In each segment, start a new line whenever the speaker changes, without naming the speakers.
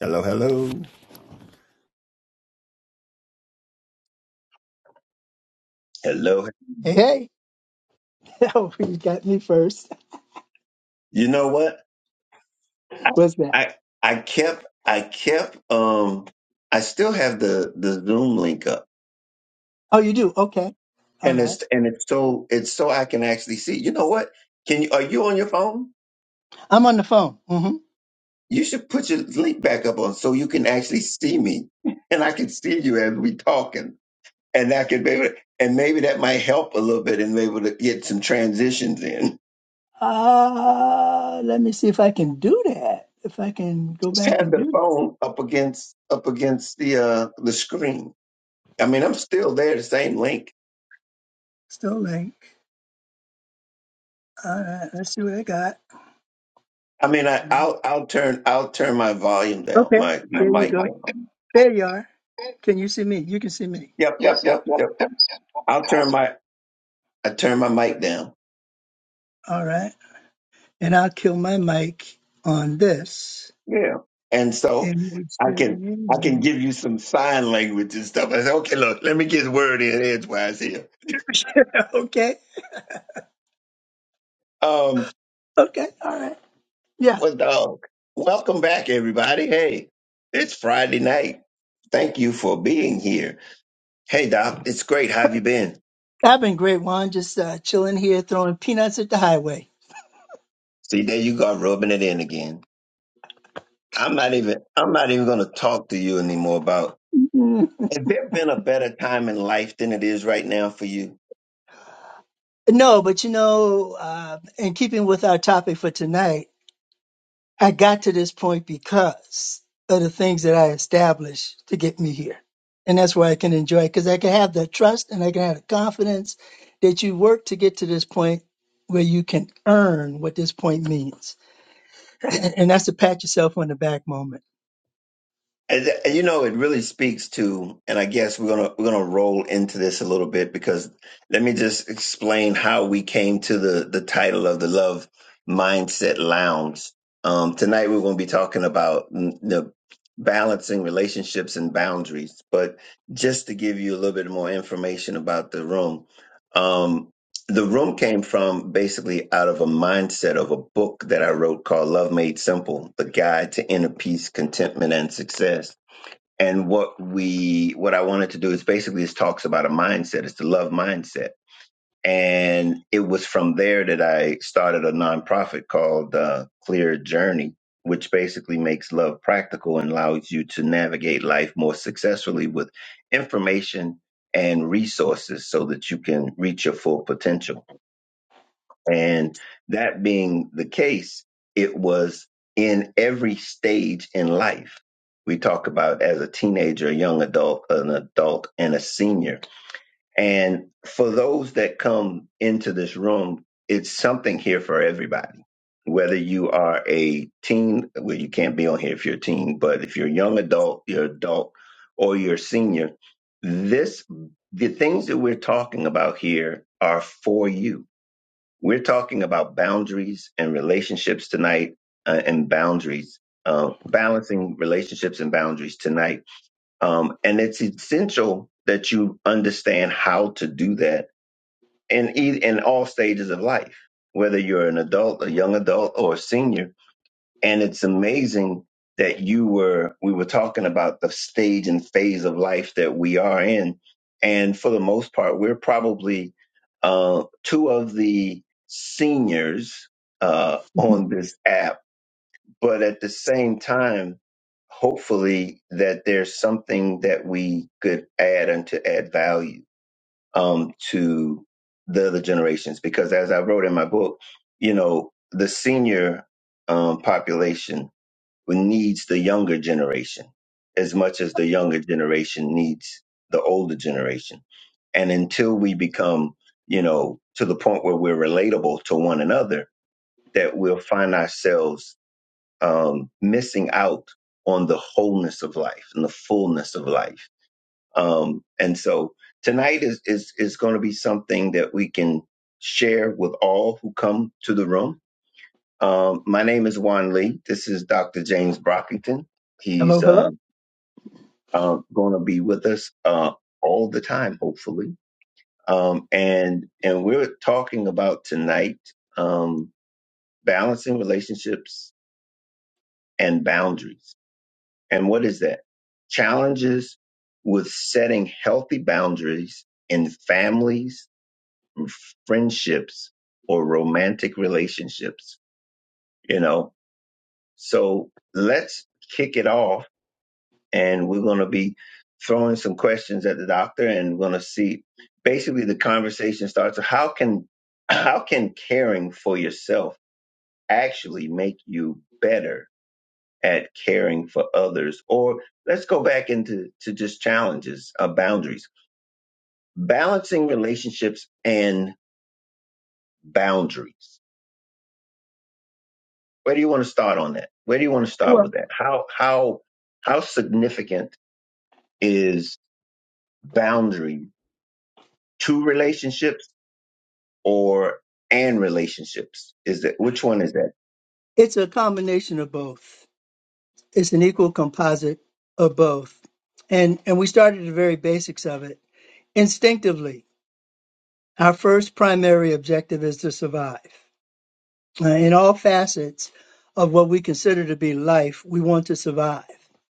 Hello, hello. Hello.
Hey, oh, you got me first.
You know what? I
What's that?
I, I kept I kept um I still have the the Zoom link up.
Oh, you do? Okay. All
And
right.
it's and it's so it's so I can actually see. You know what? Can you are you on your phone?
I'm on the phone. Mm-hmm.
You should put your link back up on so you can actually see me and I can see you as we talking. And I can maybe and maybe that might help a little bit and be able to get some transitions in.
Uh, let me see if I can do that. If I can go
Just
back
have
and
the
do this.
phone up against up against the uh the screen. I mean, I'm still there, the same link.
Still link. All right. Let's see what I got.
I mean, I, I'll I'll turn I'll turn my volume down,
Okay.
my my
There you
mic
go.
down.
There you are. Can you see me? You can see me.
Yep, yep, yep, yep. I'll turn my I turn my mic down.
All right. And I'll kill my mic on this.
Yeah, and so
And we
I
should be
can
in
I can
more.
give you some sign language and stuff. I say, okay, look, let me get the word in edgewise here.
okay.
Um,
Okay. All right. Yeah.
what dog? Welcome back, everybody. Hey, it's Friday night. Thank you for being here. Hey, Doc, it's great. How have you been?
I've been great, Juan. Just uh, chilling here, throwing peanuts at the highway.
See, there you go, rubbing it in again. I'm not even I'm not even gonna talk to you anymore about
Mhm.
has there been a better time in life than it is right now for you?
No, but you know, uh, in keeping with our topic for tonight, I got to this point because of the things that I established to get me here. And that's why I can enjoy it because I can have the trust and I can have the confidence that you work to get to this point where you can earn what this point means. And, and that's to pat yourself on the back moment.
And th- and you know, it really speaks to, and I guess we're gonna we're gonna roll into this a little bit because let me just explain how we came to the the title of the Love Mindset Lounge. Um, tonight we're gonna be talking about mm, the balancing relationships and boundaries, but just to give you a little bit more information about the room. um, the room came from basically out of a mindset of a book that I wrote called Love Made Simple: The Guide to Inner Peace, Contentment, and Success. And what we what I wanted to do is basically it talks about a mindset. It's the love mindset. And it was from there that I started a nonprofit called uh, Clear Journey, which basically makes love practical and allows you to navigate life more successfully with information and resources so that you can reach your full potential. And that being the case, it was in every stage in life. We talk about as a teenager, a young adult, an adult, and a senior. And for those that come into this room, it's something here for everybody. Whether you are a teen, well, you can't be on here if you're a teen, but if you're a young adult, you're adult, or you're a senior, this the things that we're talking about here are for you we're talking about boundaries and relationships tonight, uh, and boundaries, uh, balancing relationships and boundaries tonight. Um, and it's essential that you understand how to do that in e- in all stages of life, whether you're an adult, a young adult, or a senior and it's amazing that you were, we were talking about the stage and phase of life that we are in. And for the most part, we're probably uh, two of the seniors uh,
Mhm.
on this app. But at the same time, hopefully that there's something that we could add and to add value um, to the other generations. Because as I wrote in my book, you know, the senior um, population needs the younger generation as much as the younger generation needs the older generation. And until we become, you know, to the point where we're relatable to one another, that we'll find ourselves um, missing out on the wholeness of life and the fullness of life. Um, and so tonight is is is going to be something that we can share with all who come to the room um, my name is Juan Lee. This is Dr. James Brockington. He's
Hello, hello.
uh, uh, going to be with us uh, all the time, hopefully. Um, and and we're talking about tonight um, balancing relationships and boundaries. And what is that? Challenges with setting healthy boundaries in families, friendships, or romantic relationships. You know, so let's kick it off and we're going to be throwing some questions at the doctor and we're going to see basically the conversation starts how can how can caring for yourself actually make you better at caring for others or let's go back into to just challenges uh, boundaries balancing relationships and boundaries where do you want to start on that where do you want to start
Well,
with that how how how significant is boundary to relationships or and relationships is that which one is that
it's a combination of both. it's an equal composite of both. And and we started at the very basics of it. Instinctively, our first primary objective is to survive. Uh, in all facets of what we consider to be life, we want to survive.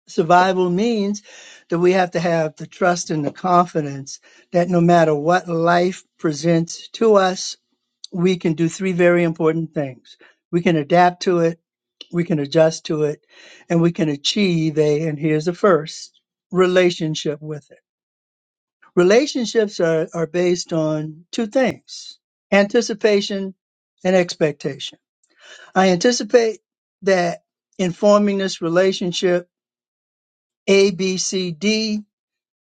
Survival means that we have to have the trust and the confidence that no matter what life presents to us, we can do three very important things. We can adapt to it we can adjust to it and we can achieve a and here's the first relationship with it relationships are, are based on two things anticipation and expectation i anticipate that in forming this relationship a b c d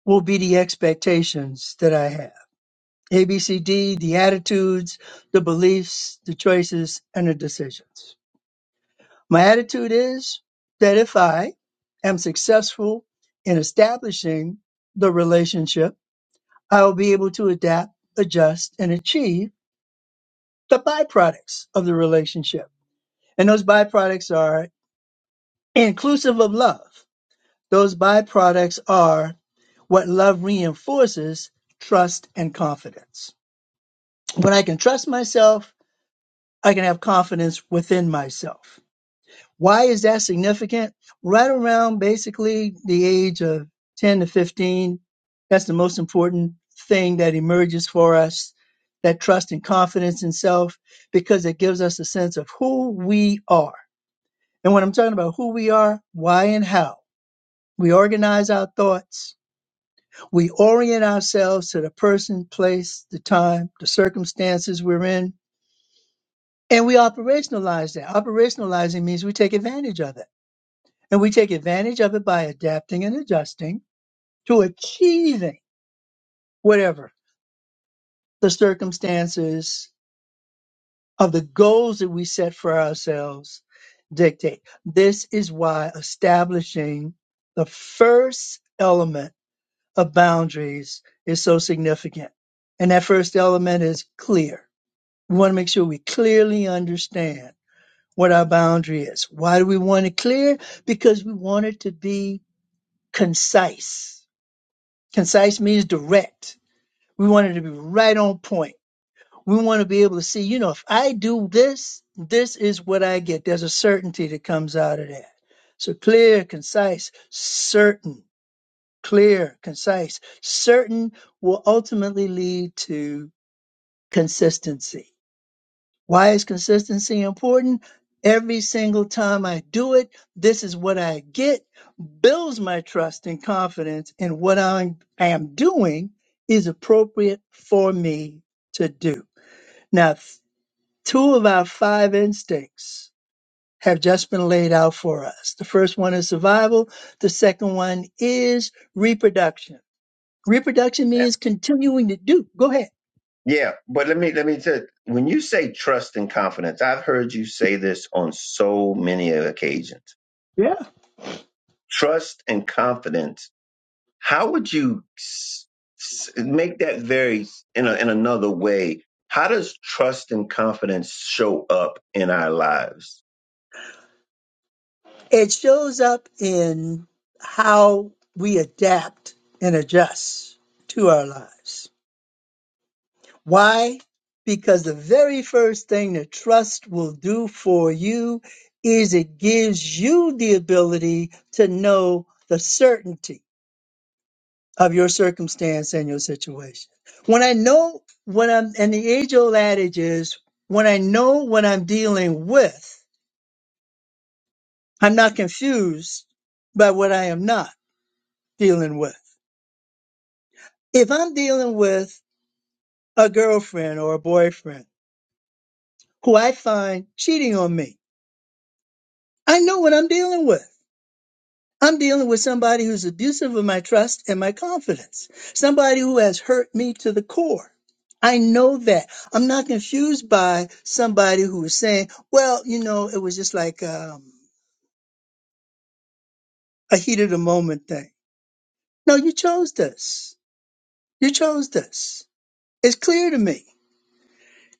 will be the expectations that i have a b c d the attitudes the beliefs the choices and the decisions My attitude is that if I am successful in establishing the relationship, I will be able to adapt, adjust, and achieve the byproducts of the relationship. And those byproducts are inclusive of love. Those byproducts are what love reinforces trust and confidence. When I can trust myself, I can have confidence within myself. Why is that significant? Right around basically the age of 10 to 15, that's the most important thing that emerges for us that trust and confidence in self because it gives us a sense of who we are. And when I'm talking about who we are, why and how, we organize our thoughts, we orient ourselves to the person, place, the time, the circumstances we're in, and we operationalize that. Operationalizing means we take advantage of it and we take advantage of it by adapting and adjusting to achieving whatever the circumstances of the goals that we set for ourselves dictate. This is why establishing the first element of boundaries is so significant. And that first element is clear. We want to make sure we clearly understand what our boundary is. Why do we want it clear? Because we want it to be concise Concise means direct. We want it to be right on point. We want to be able to see, you know, if I do this, this is what I get. There's a certainty that comes out of that. So clear, concise, certain, clear, concise, certain will ultimately lead to consistency. Why is consistency important? Every single time I do it, this is what I get, builds my trust and confidence in what I'm, I am doing is appropriate for me to do. Now, th- two of our five instincts have just been laid out for us. The first one is survival. The second one is reproduction. Reproduction means continuing to do. Go ahead.
yeah but let me let me tell you, when you say trust and confidence i've heard you say this on so many occasions trust and confidence how would you s- s- make that very in, a, in another way how does trust and confidence show up in our lives
It shows up in how we adapt and adjust to our lives. Why? Because the very first thing that trust will do for you is it gives you the ability to know the certainty of your circumstance and your situation. When I know what I'm, and the age old adage is, when I know what I'm dealing with, I'm not confused by what I am not dealing with If I'm dealing with a girlfriend or a boyfriend who I find cheating on me, I know what I'm dealing with. I'm dealing with somebody who's abusive of my trust and my confidence, somebody who has hurt me to the core. I know that. I'm not confused by somebody who is saying, well, you know, it was just like um, a heat of the moment thing. No, you chose this. You chose this. It's clear to me.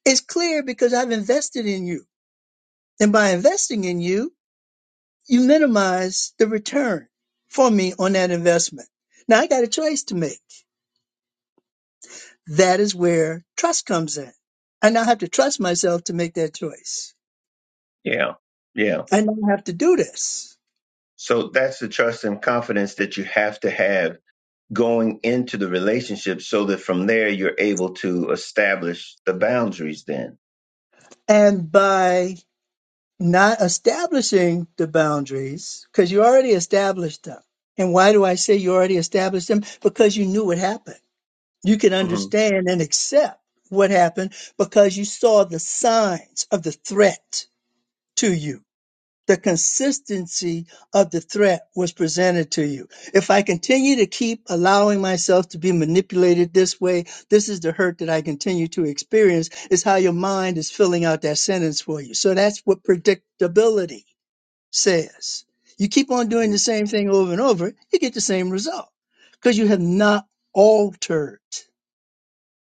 It's clear because I've invested in you. And by investing in you, you minimize the return for me on that investment. Now I got a choice to make. That is where trust comes in. I now have to trust myself to make that choice.
yeah yeah
I now have to do this.
so that's the trust and confidence that you have to have going into the relationship so that from there you're able to establish the boundaries then
And by not establishing the boundaries, because you already established them. And why do I say you already established them? Because you knew what happened. You can
hmm
understand and accept what happened because you saw the signs of the threat to you the consistency of the threat was presented to you. If I continue to keep allowing myself to be manipulated this way, this is the hurt that I continue to experience, is how your mind is filling out that sentence for you. So that's what predictability says. You keep on doing
hmm
the same thing over and over, you get the same result because you have not altered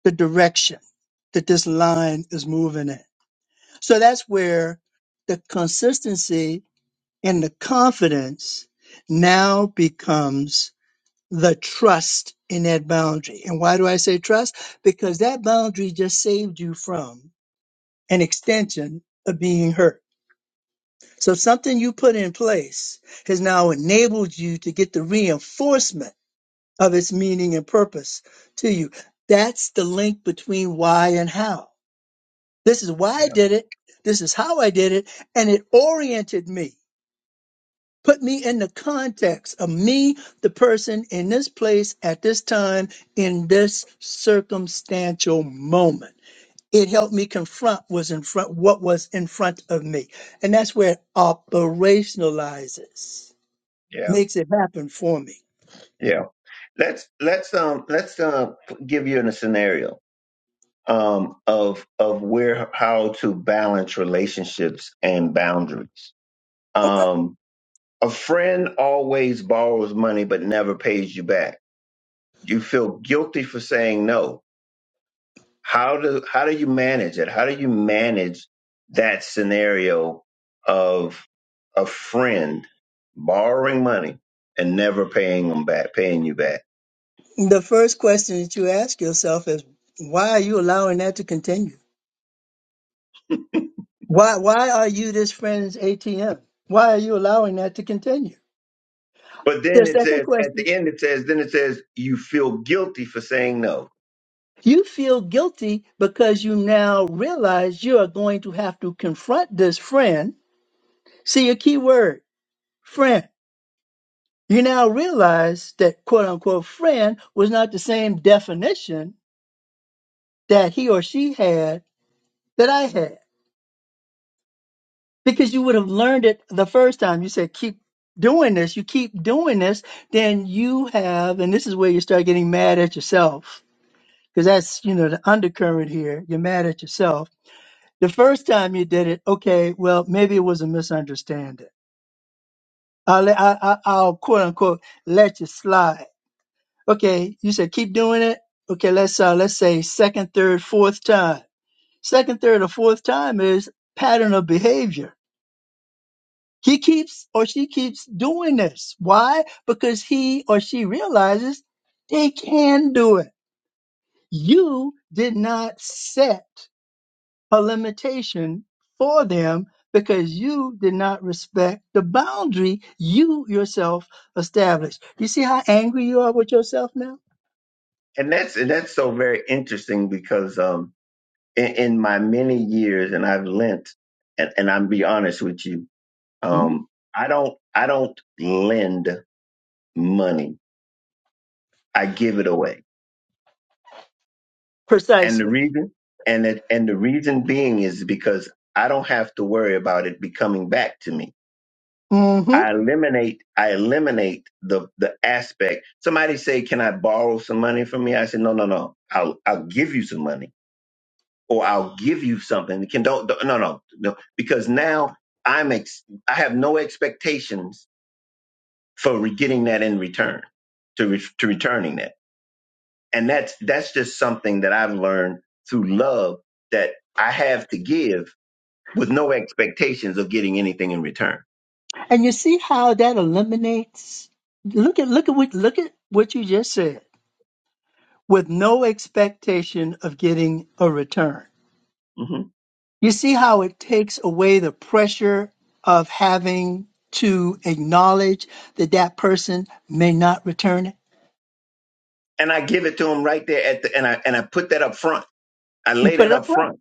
the direction that this line is moving in. So that's where the consistency and the confidence now becomes the trust in that boundary. And why do I say trust? Because that boundary just saved you from an extension of being hurt. So something you put in place has now enabled you to get the reinforcement of its meaning and purpose to you. That's the link between why and how. This is why I
yeah
did it. This is how I did it. And it oriented me Put me in the context of me, the person in this place at this time, in this circumstantial moment. It helped me confront was in front what was in front of me. And that's where it operationalizes,
yeah
makes it happen for me.
yeah let's let's um let's uh give you a scenario um of of where how to balance relationships and boundaries
Okay.
um a friend always borrows money but never pays you back you feel guilty for saying no how do how do you manage it? How do you manage that scenario of a friend borrowing money and never paying them back, paying you back?
The first question that you ask yourself is why are you allowing that to continue? Why why are you this friend's ATM? Why are you allowing that to continue?
But
The
then it
second
says at
question
the end it says then it says you feel guilty for saying no,
You feel guilty because you now realize you are going to have to confront this friend. See a key word, friend. You now realize that quote unquote friend was not the same definition that he or she had that I had because you would have learned it the first time. You said, keep doing this. You keep doing this. Then you have, and this is where you start getting mad at yourself because that's, you know, the undercurrent here. You're mad at yourself The first time you did it, okay, well, maybe it was a misunderstanding. I'll, let- I, I, I'll quote unquote let you slide. Okay, you said keep doing it. Okay, let's uh, let's say second, third, fourth time. Second, third, or fourth time is pattern of behavior. He keeps or she keeps doing this. Why? Because he or she realizes they can do it. You did not set a limitation for them because you did not respect the boundary you yourself established. You see how angry you are with yourself now?
and that's and that's so very interesting because um in, in my many years and I've lent and and I'm be honest with you
hmm
um I don't I don't lend money I give it away And the
Precisely.
reason and it, and the reason being is because I don't have to worry about it becoming back to me.
hmm
I eliminate I eliminate the the aspect. Somebody say, "Can I borrow some money from me?" I said, "No, no, no. I'll I'll give you some money, or I'll give you something." Can don't, don't no no no because now I'm ex, I have no expectations for re- getting that in return to re, to returning that, and that's that's just something that I've learned through love that I have to give with no expectations of getting anything in return.
And you see how that eliminates. Look at look at what look at what you just said with no expectation of getting a return.
hmm
You see how it takes away the pressure of having to acknowledge that that person may not return it.
And I give it to him right there at the and I and I put that up front. I
You
laid
put
it
it up
up
front.
front.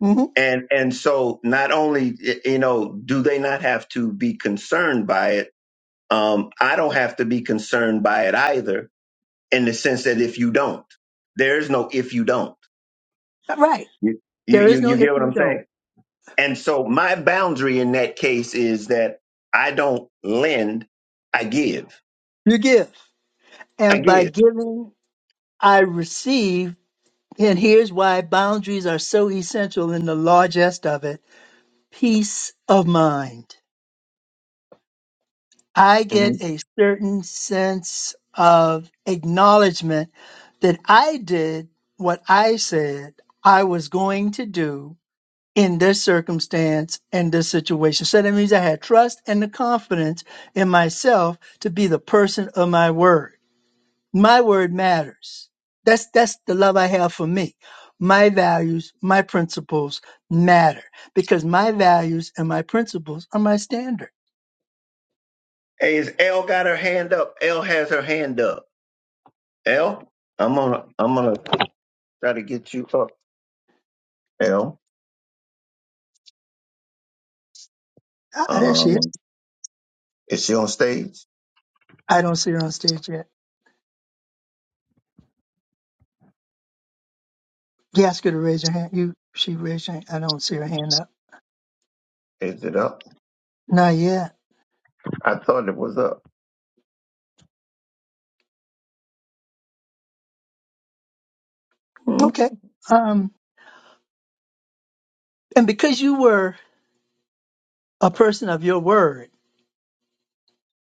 hmm
And and so not only y- you know do they not have to be concerned by it, um, I don't have to be concerned by it either. In the sense that if you don't, there's no if you don't.
Right.
You you
There is
you,
no
you
if
get what
you
I'm saying?
don't.
And so my boundary in that case is that I don't lend, I give.
You give.
I
And by
give.
giving, I receive. And here's why boundaries are so essential in the largest of it peace of mind. I
hmm
get a certain sense of acknowledgement that I did what I said I was going to do in this circumstance and this situation. So that means I had trust and the confidence in myself to be the person of my word. my word matters that's that's the love i have for me my values my principles matter because my values and my principles are my standard
Hey, is L got her hand up? L has her hand up. L, I'm gonna I'm gonna try to get you up. L,
ah there she is
um, is she on stage?
i don't see her on stage yet you ask her to raise her hand you she raised her hand i don't see her hand up
Is it up?
not yet
I thought it was up. Mhm.
okay um and because you were a person of your word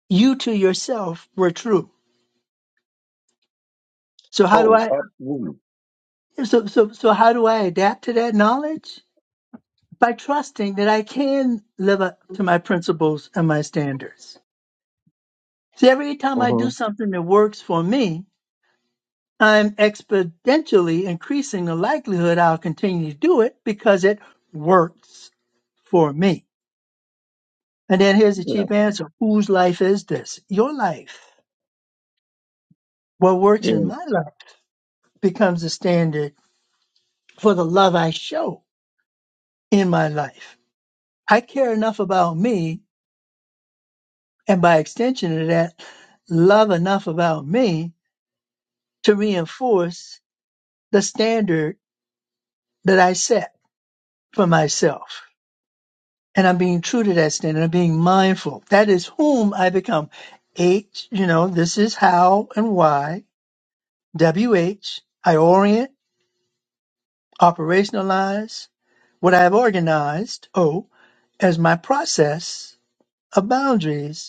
you to yourself were true so how do
Oh,
i
absolutely.
so so so how do i adapt to that knowledge by trusting that I can live up to my principles and my standards. See, every time I do
hmm
something that works for me, I'm exponentially increasing the likelihood I'll continue to do it because it works for me. And then here's the
Yeah.
cheap answer. Whose life is this? Your life. What works
Yeah.
in my life becomes the standard for the love I show in my life. I care enough about me, and by extension of that, love enough about me to reinforce the standard that I set for myself. And I'm being true to that standard. I'm being mindful. That is whom I become. H, you know, this is how and why. W H. I orient, operationalize what I have organized, O, as my process of boundaries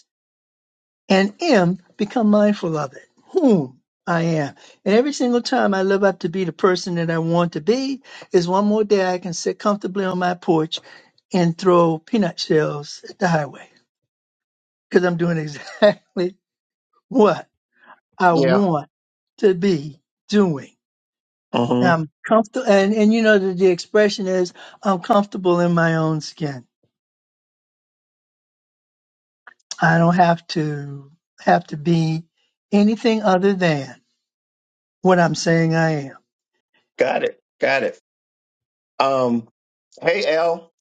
and am become mindful of it, whom I am. And every single time I live up to be the person that I want to be, is one more day I can sit comfortably on my porch and throw peanut shells at the highway because I'm doing exactly what I
Yeah.
want to be doing.
hmm
I'm comfortable, and, and you know, the, the expression is I'm comfortable in my own skin. I don't have to have to be anything other than what I'm saying I am.
Got it. Got it. Um, hey L,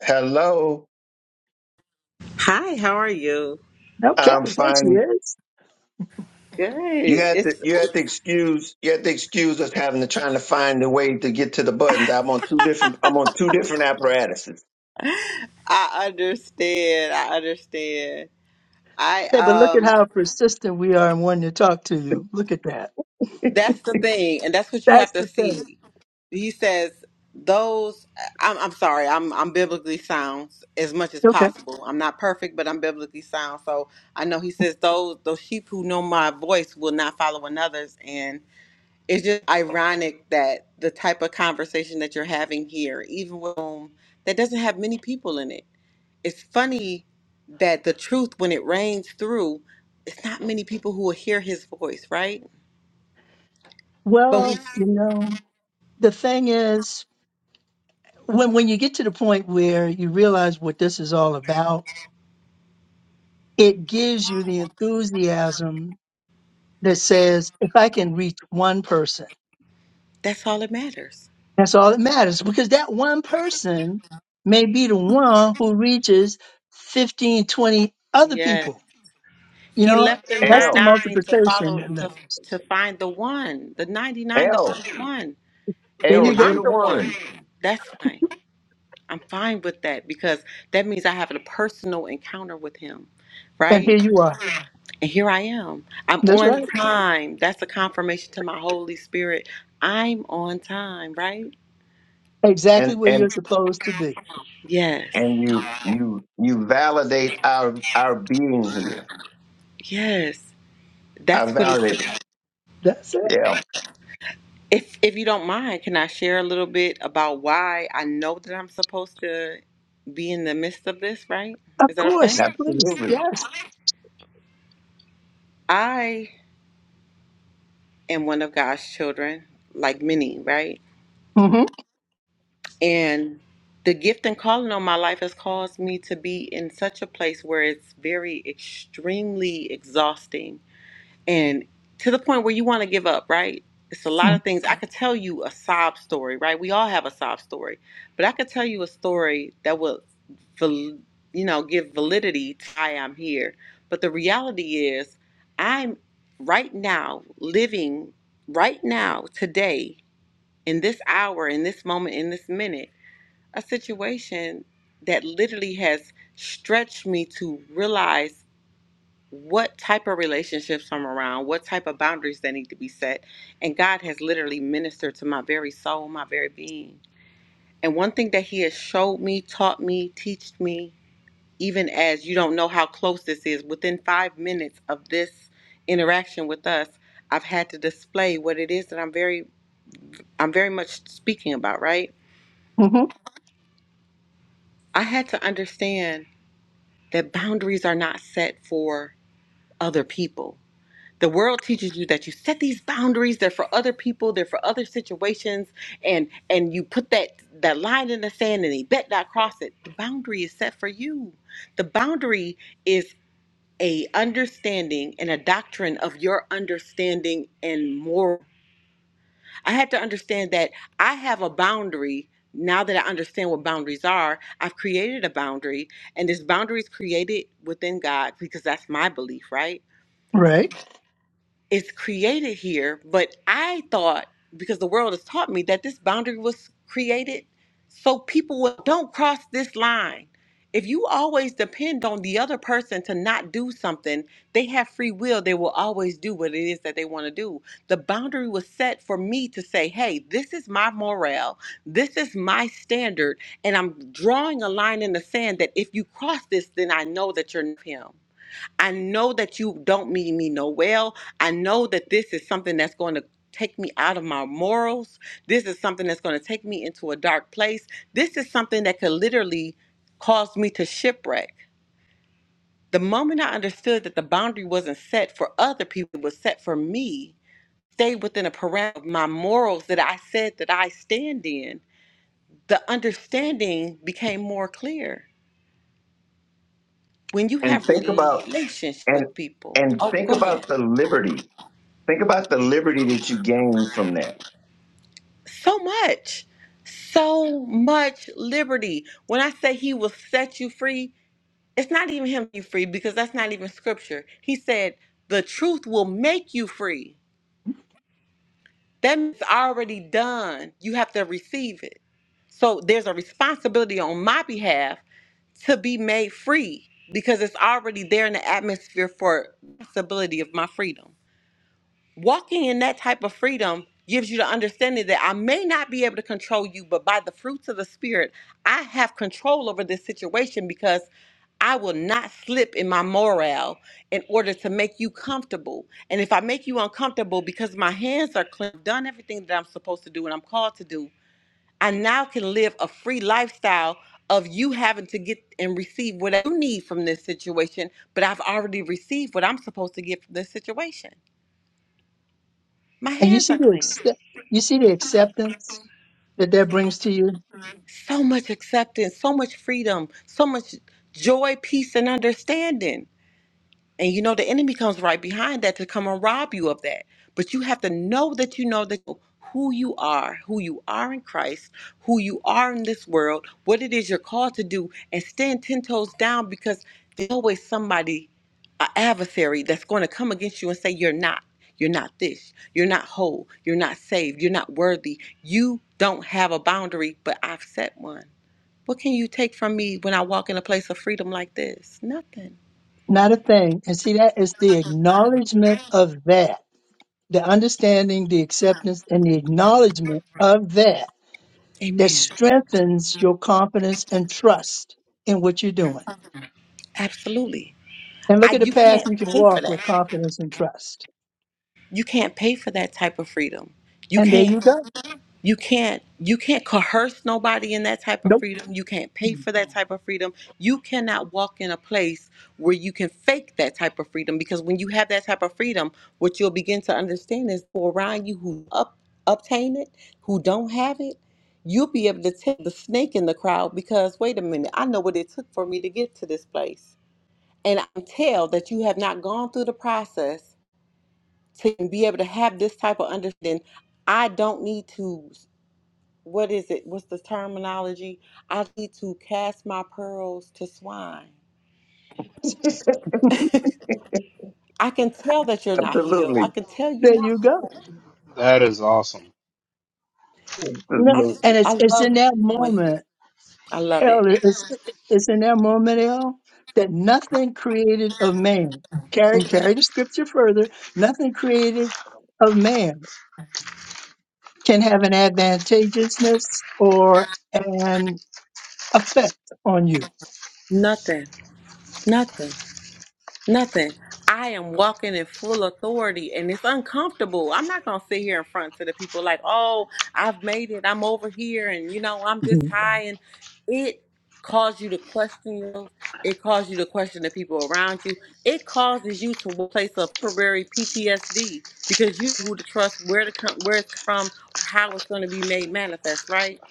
hello.
Hi, how are you?
Okay,
I'm
there she
fine
is.
Good.
You have to
It's
you have to excuse you have to excuse us having to trying to find a way to get to the buttons. I'm on two different I'm on two different apparatuses.
I understand. I understand. I
Hey, but look at
um
how persistent we are in wanting to talk to you. Look at that.
that's the thing and that's what you
That's
have to
the thing.
see. He says those I'm I'm sorry. I'm I'm biblically sound as much as
Okay.
possible. I'm not perfect, but I'm biblically sound. So I know he says those those sheep who know my voice will not follow another's and it's just ironic that the type of conversation that you're having here, even with um, that doesn't have many people in it it's funny that the truth when it rains through it's not many people who will hear his voice right but we
Well, you know, the thing is, when when you get to the point where you realize what this is all about, it gives you the enthusiasm that says, if I can reach one person,
that's all that matters
that's all that matters, because that one person may be the one who reaches 15, 20 other
yeah
people. You
he
know,
left the
that's the
L
99 to follow
multiplication.
to to find the one the 99 to find
L
the one
There
and
you
L,
if
go.
you
i'm
the
the one
one.
that's fine i'm fine with that because that means i have a personal encounter with him
And here
right
you are.
and here i am i'm
That's
on
right.
time that's a confirmation to my holy spirit i'm on time right
Exactly
And
where you're
and
supposed to be.
Yes.
and you you you validate our our being here.
Yes.
I
That's what it's
validate it.
about.
That's it.
Yeah,
If if you don't mind, can I share a little bit about why I know that I'm supposed to be in the midst of this, right?
Of
Is that okay?
course. Please.
absolutely.
Yes.
I am one of God's children, like many, right?
Mm-hmm.
And the gift and calling on my life has caused me to be in such a place where it's very extremely exhausting and to the point where you want to give up, right? It's a lot of things. I could tell you a sob story, right? We all have a sob story, but I could tell you a story that will, val- you know, give validity to why I'm here. But the reality is, I'm right now living, right now, today, in this hour, in this moment, in this minute, a situation that literally has stretched me to realize what type of relationships I'm around, what type of boundaries that need to be set. And God has literally ministered to my very soul, my very being. And one thing that He has showed me, taught me, teached me, even as you don't know how close this is, within five minutes of this interaction with us, I've had to display what it is that I'm very I'm very much speaking about, right?
Mm-hmm.
I had to understand that boundaries are not set for other people The world teaches you that you set these boundaries, they're for other people, they're for other situations, and and you put that that line in the sand and they bet not cross it. The boundary is set for you. The boundary is a understanding and a doctrine of your understanding and moral. I had to understand that I have a boundary. Now that I understand what boundaries are, I've created a boundary, and this boundary is created within God because that's my belief, right?
Right.
Is created here, but I thought because the world has taught me that this boundary was created so people will, don't cross this line. If you always depend on the other person to not do something, they have free will. They will always do what it is that they want to do. The boundary was set for me to say, hey, this is my morale. This is my standard. And I'm drawing a line in the sand that if you cross this, then I know that you're not him. I know that you don't mean me no well. I know that this is something that's going to take me out of my morals. This is something that's going to take me into a dark place. This is something that could literally cause me to shipwreck. The moment I understood that the boundary wasn't set for other people, it was set for me, stayed within a parameter of my morals that I said that I stand in, the understanding became more clear. When you
And
have
think about
relationship
and
with people,
and
oh,
think
go ahead.
about the liberty. Think about the liberty that you gain from that.
so much so much liberty when i say he will set you free it's not even him you free because that's not even scripture he said the truth will make you free that means it's already done you have to receive it so there's a responsibility on my behalf to be made free because it's already there in the atmosphere for possibility of my freedom Walking in that type of freedom gives you the understanding that I may not be able to control you, but by the fruits of the Spirit, I have control over this situation because I will not slip in my morale in order to make you comfortable. And if I make you uncomfortable because my hands are clean, I've done everything that I'm supposed to do and I'm called to do, I now can live a free lifestyle of you having to get and receive what you need from this situation, but I've already received what I'm supposed to get from this situation. My
And you
hands
see
are
the
clean.
accept, you see the acceptance that that brings to you.
So much acceptance, so much freedom, so much joy, peace, and understanding. And you know, the enemy comes right behind that to come and rob you of that. But you have to know that you know that who you are, who you are in Christ, who you are in this world, what it is you're called to do, and stand 10 toes down because there's always somebody, an adversary, that's going to come against you and say, You're not. You're not this. You're not whole. You're not saved. You're not worthy. You don't have a boundary, but I've set one what can you take from me when I walk in a place of freedom like this? Nothing.
Not a thing. And see that is the acknowledgement of that. The understanding, the acceptance, and the acknowledgement of that that
Amen.
strengthens your confidence and trust in what you're doing.
Absolutely.
And look
I
at the
you
path
can't
you can
pay for
walk
that.
with confidence and trust.
You can't pay for that type of freedom. You
And there
can't.
you go.
you can't you can't coerce nobody in that type of
Nope.
freedom you can't pay for that type of freedom you cannot walk in a place where you can fake that type of freedom because when you have that type of freedom what you'll begin to understand is for around you who up, obtain it who don't have it you'll be able to tell the snake in the crowd because wait a minute i know what it took for me to get to this place and i can tell that you have not gone through the process to be able to have this type of understanding I don't need to what is it? What's the terminology? I need to cast my pearls to swine. I can tell that you're not healed.
absolutely.
I can tell you
There
not.
you go.
That is awesome.
You know,
I just,
and
I
it's it's
love
in
what
that
you're doing here.
moment,
I love
L.
it.
It's it's in that moment, L. That nothing created of man. Carry
Mhm.
carry the scripture further. Nothing created of man can have an advantageousness or an effect on you.
Nothing, nothing. Nothing. I am walking in full authority and it's uncomfortable. I'm not going to sit here in front to the people like, oh, I've made it. I'm over here and, you know, I'm this
Mhm.
high. And it caused you to question yourself. It caused you to question the people around you. It causes you to a place of temporary PTSD because you know who to trust, where to come, where it's from, how it's going to be made manifest, right?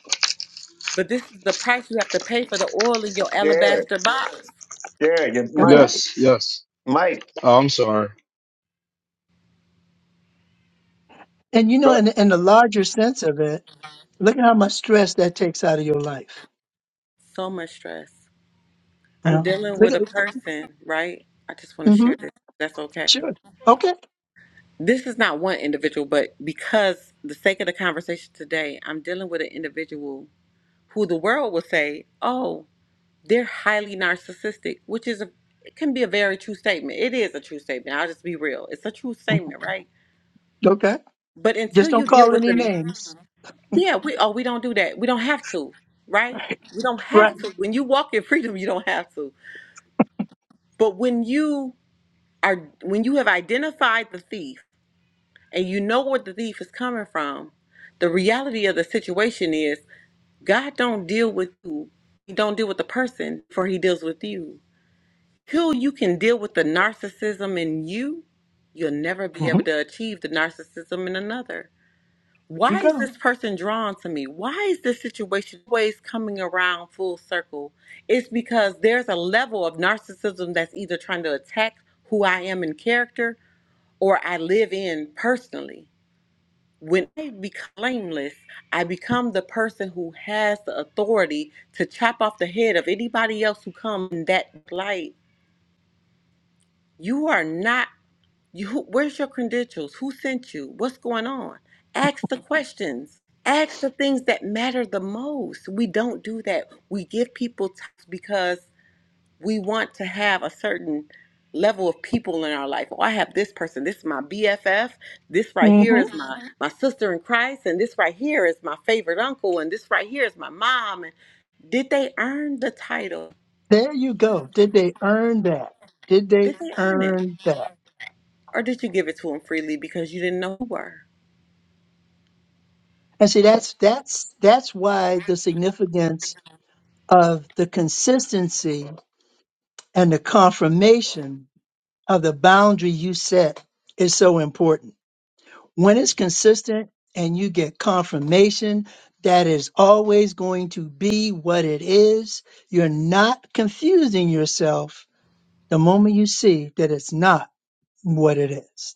But this is the price you have to pay for the oil in your
Jared,
alabaster box.
Jared, you-
That's
Mike,
right.
Yes, yes.
Mike.
Oh, I'm sorry.
And you know,
go-
in in the larger sense of it, look at how much stress that takes out of your life.
So much stress. I'm
Well,
dealing
look
with
at.
a person, right? I just want to
hmm
share this. That's okay.
sure. Okay.
This is not one individual, but because the sake of the conversation today, I'm dealing with an individual who the world will say, "Oh, they're highly narcissistic," which is a it can be a very true statement. It is a true statement. I'll just be real. It's a true statement, right?
Okay.
But until
Just
you
don't
deal
call
with
any
the
names.
yeah, we oh we don't do that. We don't have to, right? We don't
Right.
have to. When you walk in freedom, you don't have to. But when you are when you have identified the thief and you know where the thief is coming from the reality of the situation is god don't deal with you he don't deal with the person before he deals with you till you can deal with the narcissism in you you'll never be
hmm
able to achieve the narcissism in another
You
why is
go.
this person drawn to me why is this situation always coming around full circle it's because there's a level of narcissism that's either trying to attack who i am in character or I live in personally. When I become blameless, I become the person who has the authority to chop off the head of anybody else who comes in that light. You are not you who- where's your credentials? Who sent you? What's going on? Ask the questions. Ask the things that matter the most. We don't do that. We give people time because we want to have a certain level of people in our life. Oh, I have this person. This is my BFF. This right
hmm
here is my Mhm. my sister in Christ, and this right here is my favorite uncle, and this right here is my mom. And did they earn the title?
There you go. Did they earn that? Did they
Did they earn it,
earn that?
or did you give it to them freely because you didn't know who were?
And see, that's that's that's why the significance of the consistency and the confirmation of the boundary you set is so important. When it's consistent and you get confirmation that is always going to be what it is, you're not confusing yourself the moment you see that it's not what it is.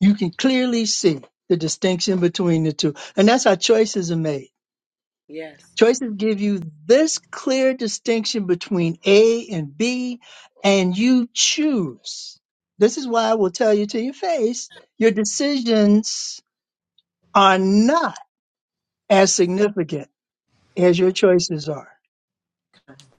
You can clearly see the distinction between the two. And that's how choices are made.
Yes,
Choices give you this clear distinction between A and B, and you choose. This is why I will tell you to your face your decisions are not as significant as your choices are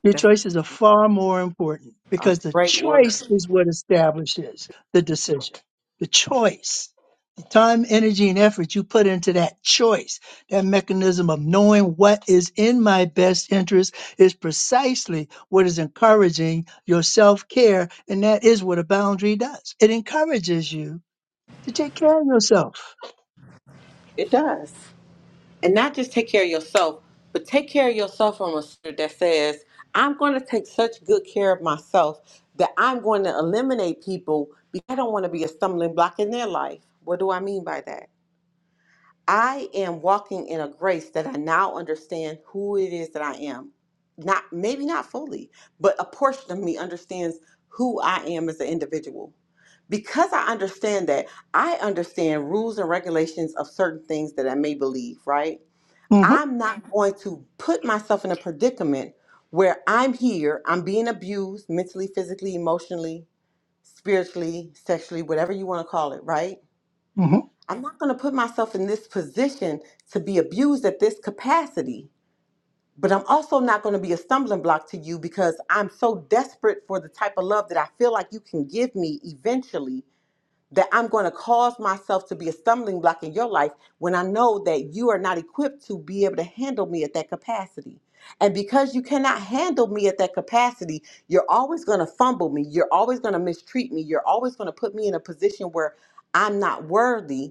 Your
that's
choices are far more important
a
because the
great word.
choice is what establishes the decision. The choice, the time, energy, and effort you put into that choice, that mechanism of knowing what is in my best interest is precisely what is encouraging your self care. And that is what a boundary does it encourages you to take care of yourself.
It does. And not just take care of yourself, but take care of yourself from a standard that says, I'm going to take such good care of myself that I'm going to eliminate people because I don't want to be a stumbling block in their life. What do I mean by that? I am walking in a grace that I now understand who it is that I am. Not maybe not fully, but a portion of me understands who I am as an individual. Because I understand that, I understand rules and regulations of certain things that I may believe, right?
hmm
I'm not Mhm. going to put myself in a predicament where I'm here, I'm being abused mentally, physically, emotionally, spiritually, sexually, whatever you want to call it, right?
hmm
I'm not going to put myself in this position to be abused at this capacity, but I'm also not going to be a stumbling block to you because I'm so desperate for the type of love that I feel like you can give me eventually that I'm going to cause myself to be a stumbling block in your life when I know that you are not equipped to be able to handle me at that capacity. And because you cannot handle me at that capacity, you're always going to fumble me. You're always going to mistreat me. You're always going to put me in a position where I'm not worthy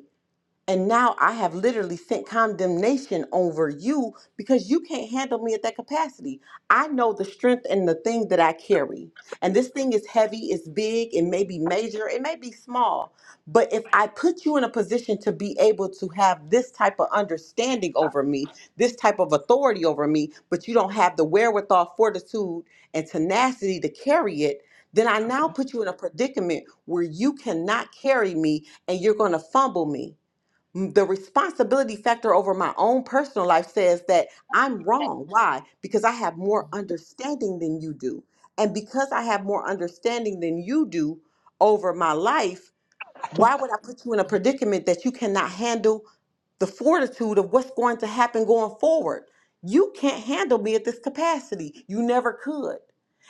and now I have literally sent condemnation over you because you can't handle me at that capacity. I know the strength and the thing that I carry. And this thing is heavy, it's big, it may be major, it may be small. But if I put you in a position to be able to have this type of understanding over me, this type of authority over me, but you don't have the wherewithal, fortitude, and tenacity to carry it, then I now put you in a predicament where you cannot carry me and you're going to fumble me the responsibility factor over my own personal life says that I'm wrong. Why? Because I have more understanding than you do. And because I have more understanding than you do over my life, why would I put you in a predicament that you cannot handle the fortitude of what's going to happen going forward? You can't handle me at this capacity. You never could.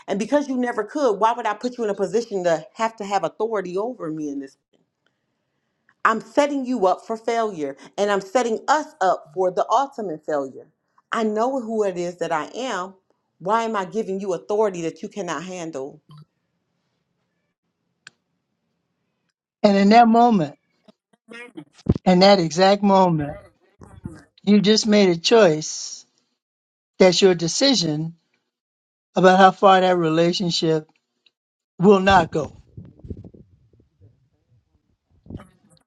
And because you never could, why would I put you in a position to have to have authority over me in this? I'm setting you up for failure and I'm setting us up for the ultimate failure. I know who it is that I am. Why am I giving you authority that you cannot handle?
And in that moment, in that exact moment, you just made a choice that's your decision about how far that relationship will not go.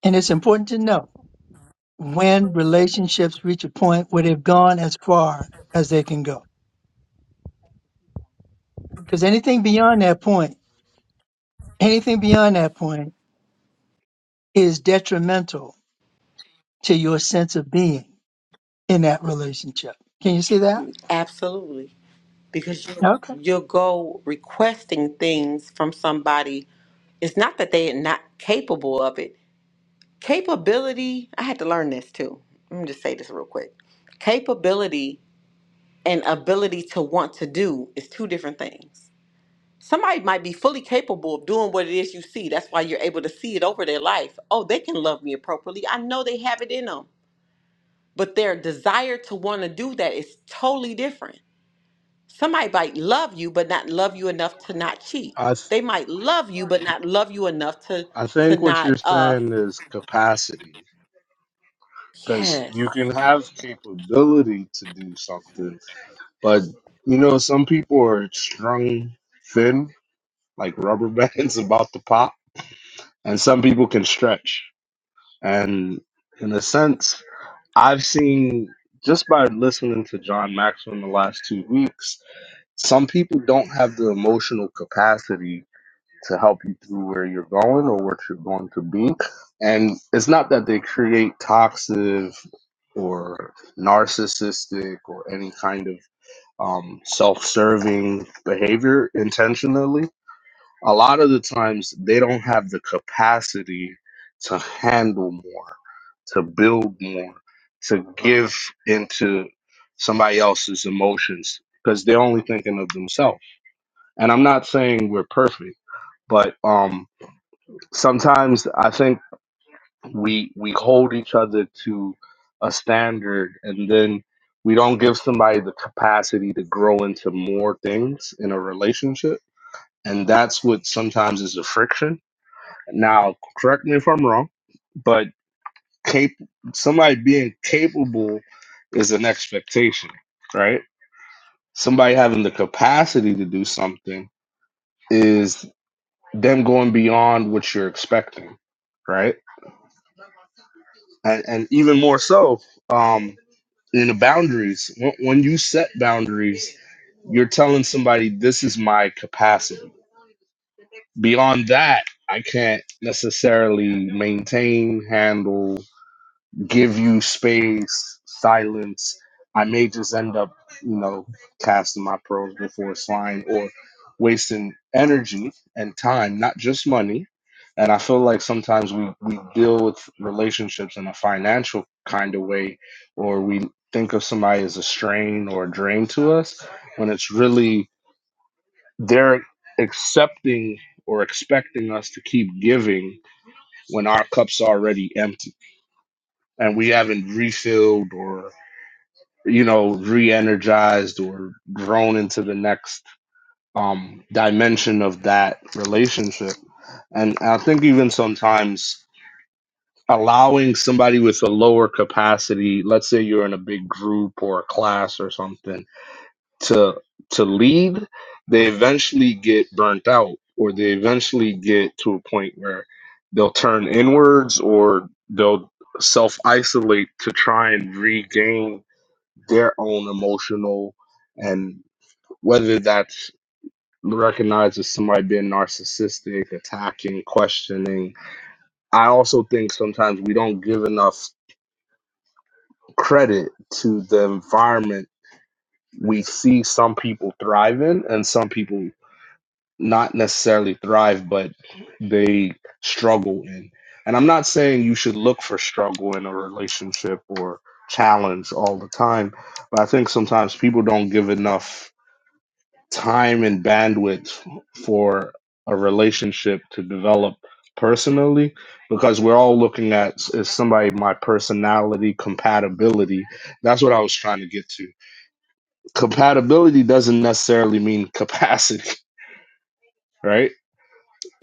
And it's important to know when relationships reach a point where they've gone as far as they can go. Because anything beyond that point, anything beyond that point is detrimental to your sense of being in that relationship. Can you see that?
Absolutely. Because you,
Okay.
you'll go requesting things from somebody. It's not that they are not capable of it. Capability, I had to learn this too. Let me just say this real quick. Capability and ability to want to do is two different things somebody might be fully capable of doing what it is you see. That's why you're able to see it over their life. Oh, they can love me appropriately. I know they have it in them, but their desire to want to do that is totally different. Somebody might love you, but not love you enough to not cheat.
I th-
They might love you, but not love you enough to
I
to
think what you're
not. uh
saying is capacity because
Yes.
you can have capability to do something, but you know some people are strung thin like rubber bands about to pop, and some people can stretch. And in a sense, I've seen just by listening to John Maxwell in the last two weeks, some people don't have the emotional capacity to help you through where you're going or what you're going to be. And it's not that they create toxic or narcissistic or any kind of um, self serving behavior intentionally. A lot of the times they don't have the capacity to handle more, to build more, to give into somebody else's emotions because they're only thinking of themselves. And I'm not saying we're perfect, but um, sometimes I think we we hold each other to a standard and then we don't give somebody the capacity to grow into more things in a relationship. And that's what sometimes is the friction. Now, correct me if I'm wrong, but cap- somebody being capable is an expectation, right? Somebody having the capacity to do something is them going beyond what you're expecting, right? and, and even more so um, in the boundaries. When, when you set boundaries, you're telling somebody this is my capacity. Beyond that, I can't necessarily maintain, handle, give you space, silence. I may just end up, you know, casting my pearls before swine or wasting energy and time, not just money. And I feel like sometimes we, we deal with relationships in a financial kind of way, or we think of somebody as a strain or a drain to us when it's really they're accepting or expecting us to keep giving when our cup's already empty and we haven't refilled or you know re-energized or grown into the next um dimension of that relationship and i think even sometimes allowing somebody with a lower capacity let's say you're in a big group or a class or something to to lead they eventually get burnt out or they eventually get to a point where they'll turn inwards or they'll self isolate to try and regain their own emotional and whether that's recognized as somebody being narcissistic, attacking, questioning. I also think sometimes we don't give enough credit to the environment we see some people thrive in and some people not necessarily thrive, but they struggle in. And I'm not saying you should look for struggle in a relationship or challenge all the time, but I think sometimes people don't give enough time and bandwidth for a relationship to develop personally because we're all looking at s- is somebody my personality compatibility that's what i was trying to get to compatibility doesn't necessarily mean capacity right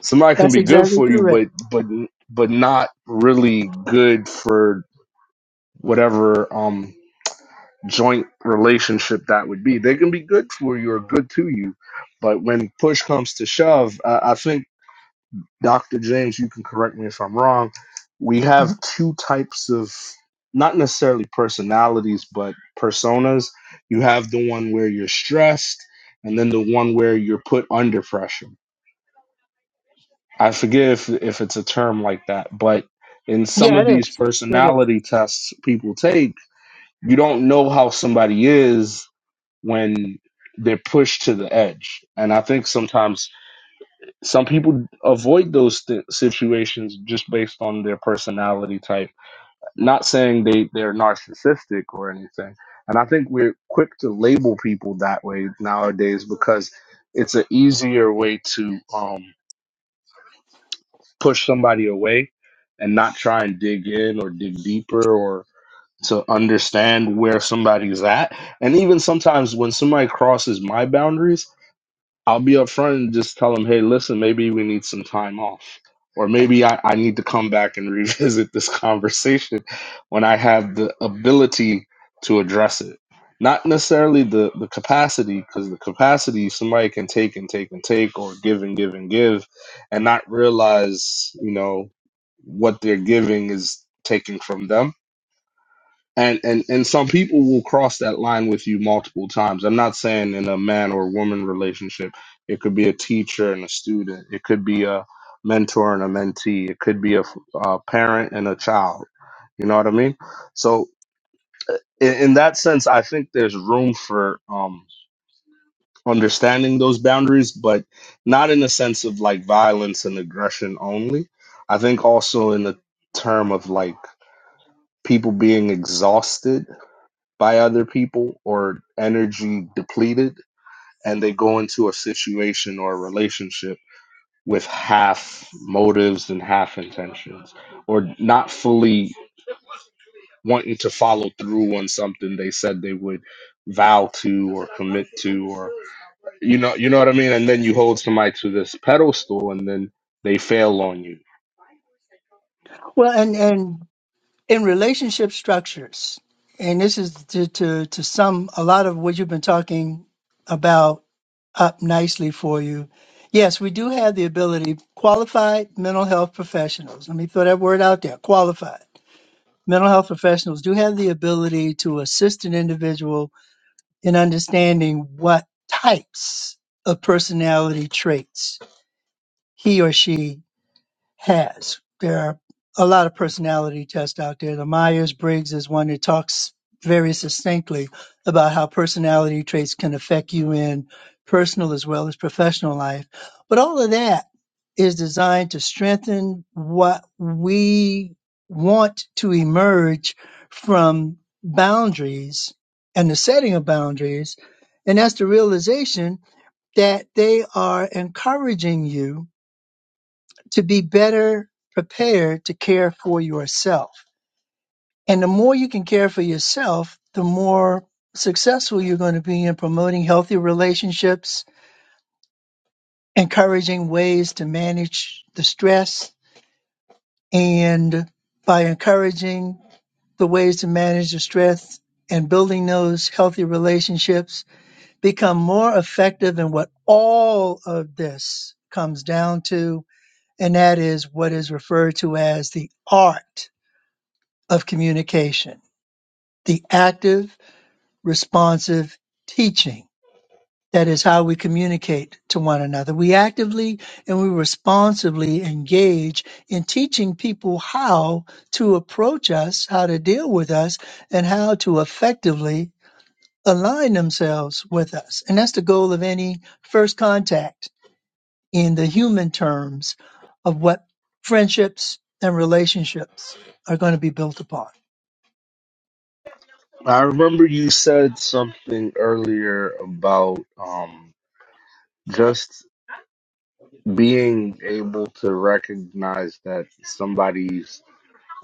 somebody can
That's
be good
exactly
for you
correct.
but but but not really good for whatever um joint relationship that would be they can be good for you or good to you but when push comes to shove, I, I think Dr. James, you can correct me if I'm wrong. We have
Mhm.
two types of not necessarily personalities, but personas. You have the one where you're stressed, and then the one where you're put under pressure. I forget if, if it's a term like that, but in some
Yeah,
of
it
these
is. It is.
personality tests people take, you don't know how somebody is when they're pushed to the edge. And I think sometimes some people avoid those th- situations just based on their personality type not saying they they're narcissistic or anything and i think we're quick to label people that way nowadays because it's an easier way to um push somebody away and not try and dig in or dig deeper or to understand where somebody's at and even sometimes when somebody crosses my boundaries I'll be upfront and just tell them, hey, listen, maybe we need some time off. Or maybe I, I need to come back and revisit this conversation when I have the ability to address it. Not necessarily the, the capacity, because the capacity somebody can take and take and take or give and give and give and not realize, you know, what they're giving is taken from them and and and some people will cross that line with you multiple times i'm not saying in a man or woman relationship it could be a teacher and a student it could be a mentor and a mentee it could be a, f- a parent and a child you know what i mean so in, in that sense i think there's room for um understanding those boundaries but not in the sense of like violence and aggression only i think also in the term of like people being exhausted by other people or energy depleted and they go into a situation or a relationship with half motives and half intentions or not fully wanting to follow through on something they said they would vow to or commit to or you know you know what I mean and then you hold somebody to this pedestal and then they fail on you.
Well, and, and in relationship structures, and this is to, to, to sum a lot of what you've been talking about up nicely for you. Yes, we do have the ability, qualified mental health professionals. Let me throw that word out there qualified mental health professionals do have the ability to assist an individual in understanding what types of personality traits he or she has. There are a lot of personality tests out there. The Myers Briggs is one that talks very succinctly about how personality traits can affect you in personal as well as professional life. But all of that is designed to strengthen what we want to emerge from boundaries and the setting of boundaries. And that's the realization that they are encouraging you to be better prepared to care for yourself. And the more you can care for yourself, the more successful you're going to be in promoting healthy relationships, encouraging ways to manage the stress, and by encouraging the ways to manage the stress and building those healthy relationships, become more effective in what all of this comes down to, and that is what is referred to as the art of communication, the active, responsive teaching. That is how we communicate to one another. We actively and we responsibly engage in teaching people how to approach us, how to deal with us, and how to effectively align themselves with us. And that's the goal of any first contact in the human terms of what friendships and relationships are going to be built upon.
I remember you said something earlier about um just being able to recognize that somebody's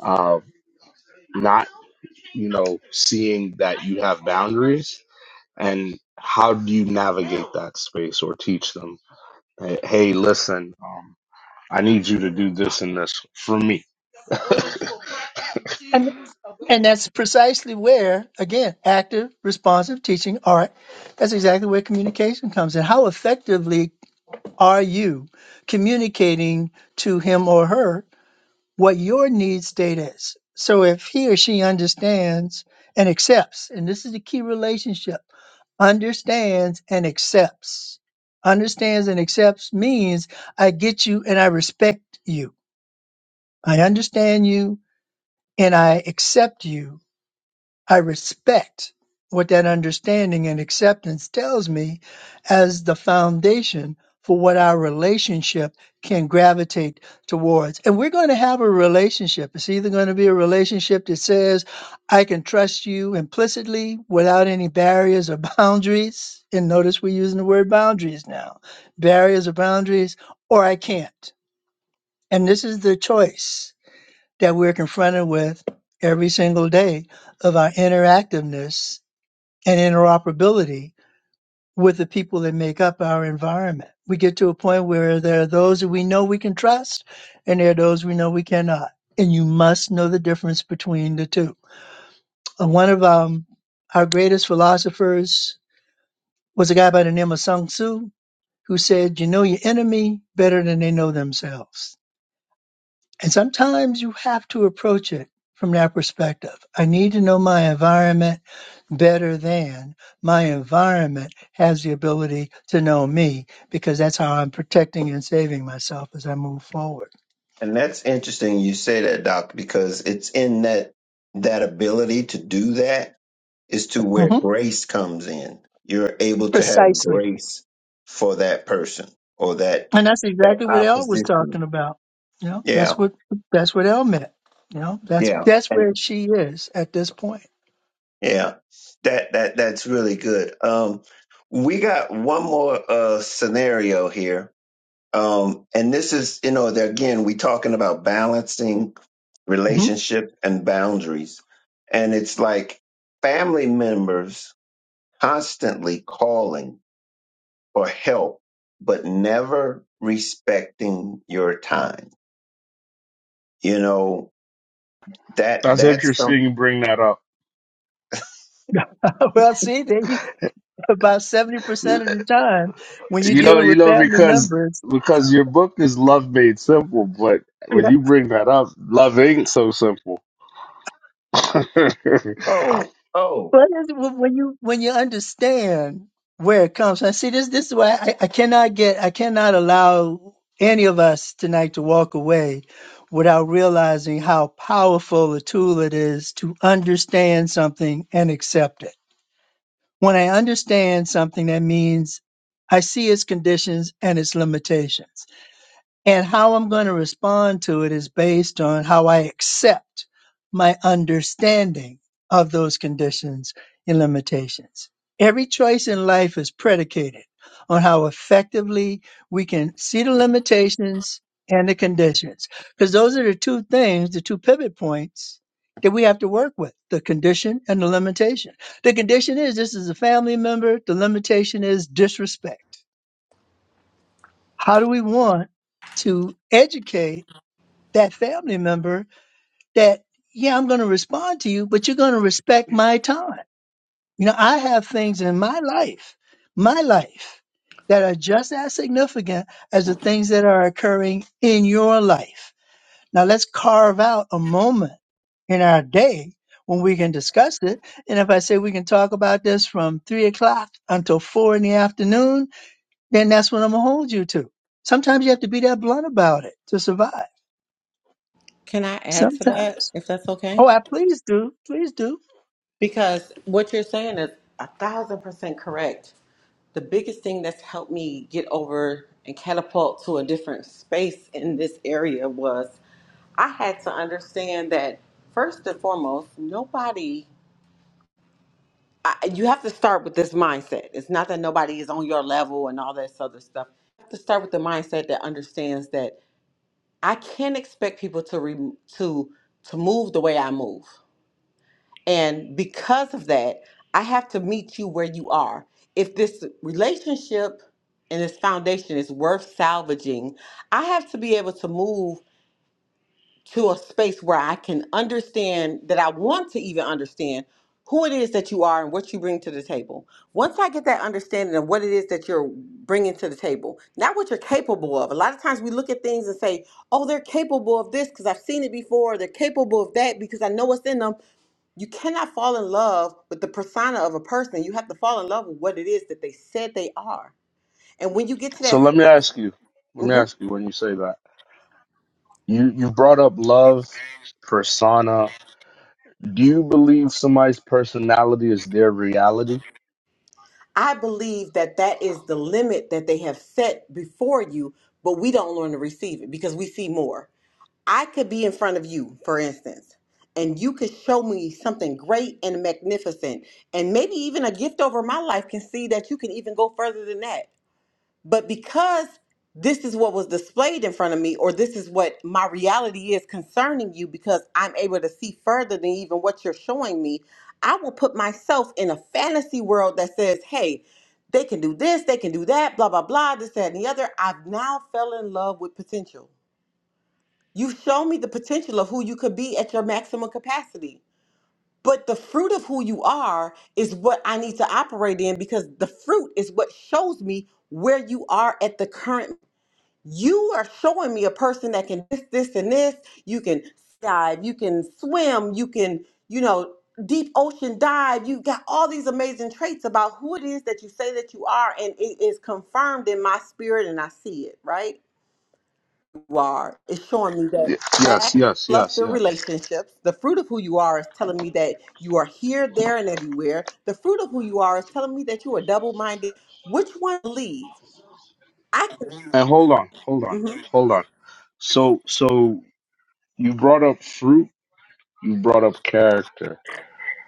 uh, not, you know, seeing that you have boundaries, and how do you navigate that space or teach them, hey, hey, listen, um, I need you to do this and this for me.
And and that's precisely where, again, active, responsive teaching, art, that's exactly where communication comes in. How effectively are you communicating to him or her what your need state is. So if he or she understands and accepts, and this is the key relationship, understands and accepts. Understands and accepts means I get you and I respect you. I understand you and I accept you I respect what that understanding and acceptance tells me as the foundation for what our relationship can gravitate towards. And we're going to have a relationship. It's either going to be a relationship that says, I can trust you implicitly without any barriers or boundaries. And notice we're using the word boundaries now barriers or boundaries, or I can't. And this is the choice that we're confronted with every single day of our interactiveness and interoperability with the people that make up our environment. We get to a point where there are those that we know we can trust and there are those we know we cannot. And you must know the difference between the two. Uh, One of um, our greatest philosophers was a guy by the name of Sun Tzu who said, You know your enemy better than they know themselves. And sometimes you have to approach it from that perspective. I need to know my environment better than my environment has the ability to know me because that's how I'm protecting and saving myself as I move forward.
And that's interesting you say that, Doc, because it's in that that ability to do that is to where
hmm
grace comes in. You're able to have
Precisely.
grace for that person or that
And that's
that
exactly what Elle was
opposition.
talking about. You know,
Yeah,
that's what that's what Elle meant. You know, that's
yeah,
that's
and
where she is at this point.
yeah, that that that's really good. Um, we got one more uh scenario here Um, and this is, you know, there again, we talking about balancing
hmm
relationship and boundaries. And it's like family members constantly calling for help, but never respecting your time. You know, that
That's
that's some
interesting. You bring that up.
well, see, they, about seventy percent of the time, when you're
You know,
dealing
you
with
know,
family
because
members,
because your book is love made simple, but
Yeah.
when you bring that up, love ain't so simple.
oh, oh,
Well, that's- when when you when you understand where it comes from, see this this is why I, I cannot get I cannot allow any of us tonight to walk away without realizing how powerful a tool it is to understand something and accept it. When I understand something, that means I see its conditions and its limitations. And how I'm going to respond to it is based on how I accept my understanding of those conditions and limitations. Every choice in life is predicated on how effectively we can see the limitations and the conditions. Because those are the two things, the two pivot points that we have to work with the condition and the limitation. The condition is this is a family member, the limitation is disrespect. How do we want to educate? that family member that, yeah, I'm going to respond to you, but you're going to respect my time. You know, I have things in my life, my life that are just as significant as the things that are occurring in your life. Now let's carve out a moment in our day when we can discuss it. And if I say we can talk about this from three o'clock until four in the afternoon, then that's what I'm going to hold you to. Sometimes you have to be that blunt about it to survive.
Can I add to
Sometimes.
that if that's okay?
Oh, I please do. Please do.
Because what you're saying is a thousand percent correct. The biggest thing that's helped me get over and catapult to a different space in this area was I had to understand that first and foremost, nobody, I, you have to start with this mindset. It's not that nobody is on your level and all this other stuff. You have to start with the mindset that understands that I can't expect people to re, to to move the way I move. And because of that, I have to meet you where you are. If this relationship and this foundation is worth salvaging, I have to be able to move to a space where I can understand that I want to even understand who it is that you are and what you bring to the table. Once I get that understanding of what it is that you're bringing to the table, not what you're capable of. A lot of times we look at things and say, oh, they're capable of this because I've seen it before. They're capable of that because I know what's in them you cannot fall in love with the persona of a person. You have to fall in love with what it is that they said they are. And when you get to
So
that
let me
space,
ask you, let
where-
me
Mhm.
ask you when you say that. You you brought up love, persona. Do you believe somebody's personality is their reality?
I believe that that is the limit that they have set before you, but we don't learn to receive it because we see more. I could be in front of you, for instance, and you could show me something great and magnificent, and maybe even a gift over my life can see that you can even go further than that. But because this is what was displayed in front of me, or this is what my reality is concerning you, because I'm able to see further than even what you're showing me, I will put myself in a fantasy world that says, hey, they can do this, they can do that, blah, blah, blah, this, that, and the other. I've now fell in love with potential. You show me the potential of who you could be at your maximum capacity. But the fruit of who you are is what I need to operate in because the fruit is what shows me where you are at the current you are showing me a person that can this, this, and this. You can dive, you can swim, you can, you know, deep ocean dive. You got all these amazing traits about who it is that you say that you are, and it is confirmed in my spirit, and I see it, right? You are. It's showing me that
Y- Yes, yes, yes,
lackluster
yes.
relationships, the fruit of who you are is telling me that you are here, there, and everywhere. The fruit of who you are is telling me that you are double minded. Which one to leave? I can.
And hold on, hold on,
mhm.
hold on. So so you brought up fruit, you brought up character.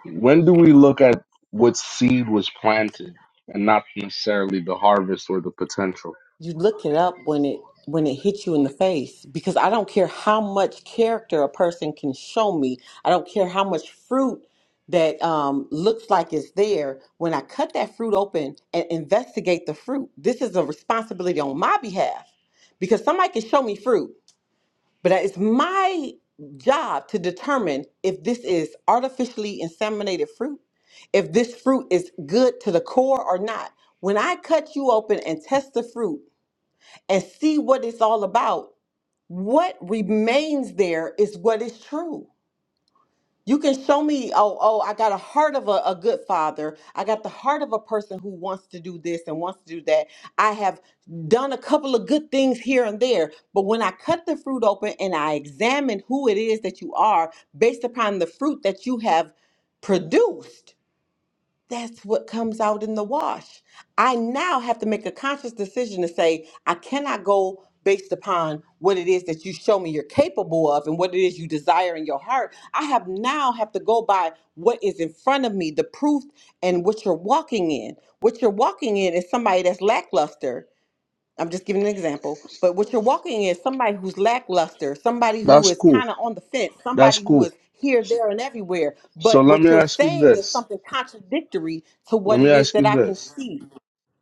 When do we look at what seed was planted and not necessarily the harvest or the potential?
you look it up when it when it hits you in the face because I don't care how much character a person can show me. I don't care how much fruit that um, looks like it's there. When I cut that fruit open and investigate the fruit, this is a responsibility on my behalf because somebody can show me fruit, but it's my job to determine if this is artificially inseminated fruit, if this fruit is good to the core or not. When I cut you open and test the fruit, and see what it's all about. What remains there is what is true. You can show me, oh, oh, I got a heart of a, a good father. I got the heart of a person who wants to do this and wants to do that. I have done a couple of good things here and there. But when I cut the fruit open and I examine who it is that you are based upon the fruit that you have produced, that's what comes out in the wash. I now have to make a conscious decision to say, I cannot go based upon what it is that you show me you're capable of and what it is you desire in your heart. I have now have to go by what is in front of me, the proof and what you're walking in. What you're walking in is somebody that's lackluster I'm just giving an example. But what you're walking in is somebody who's lackluster, somebody who
That's
is
cool.
kind of on the fence,
That's
somebody who
cool.
is here, there, and everywhere.
So
But
let
what
me
you're
ask you
saying is
this.
something contradictory to
Let
what
me
it is
ask
that
you
I can
this.
see.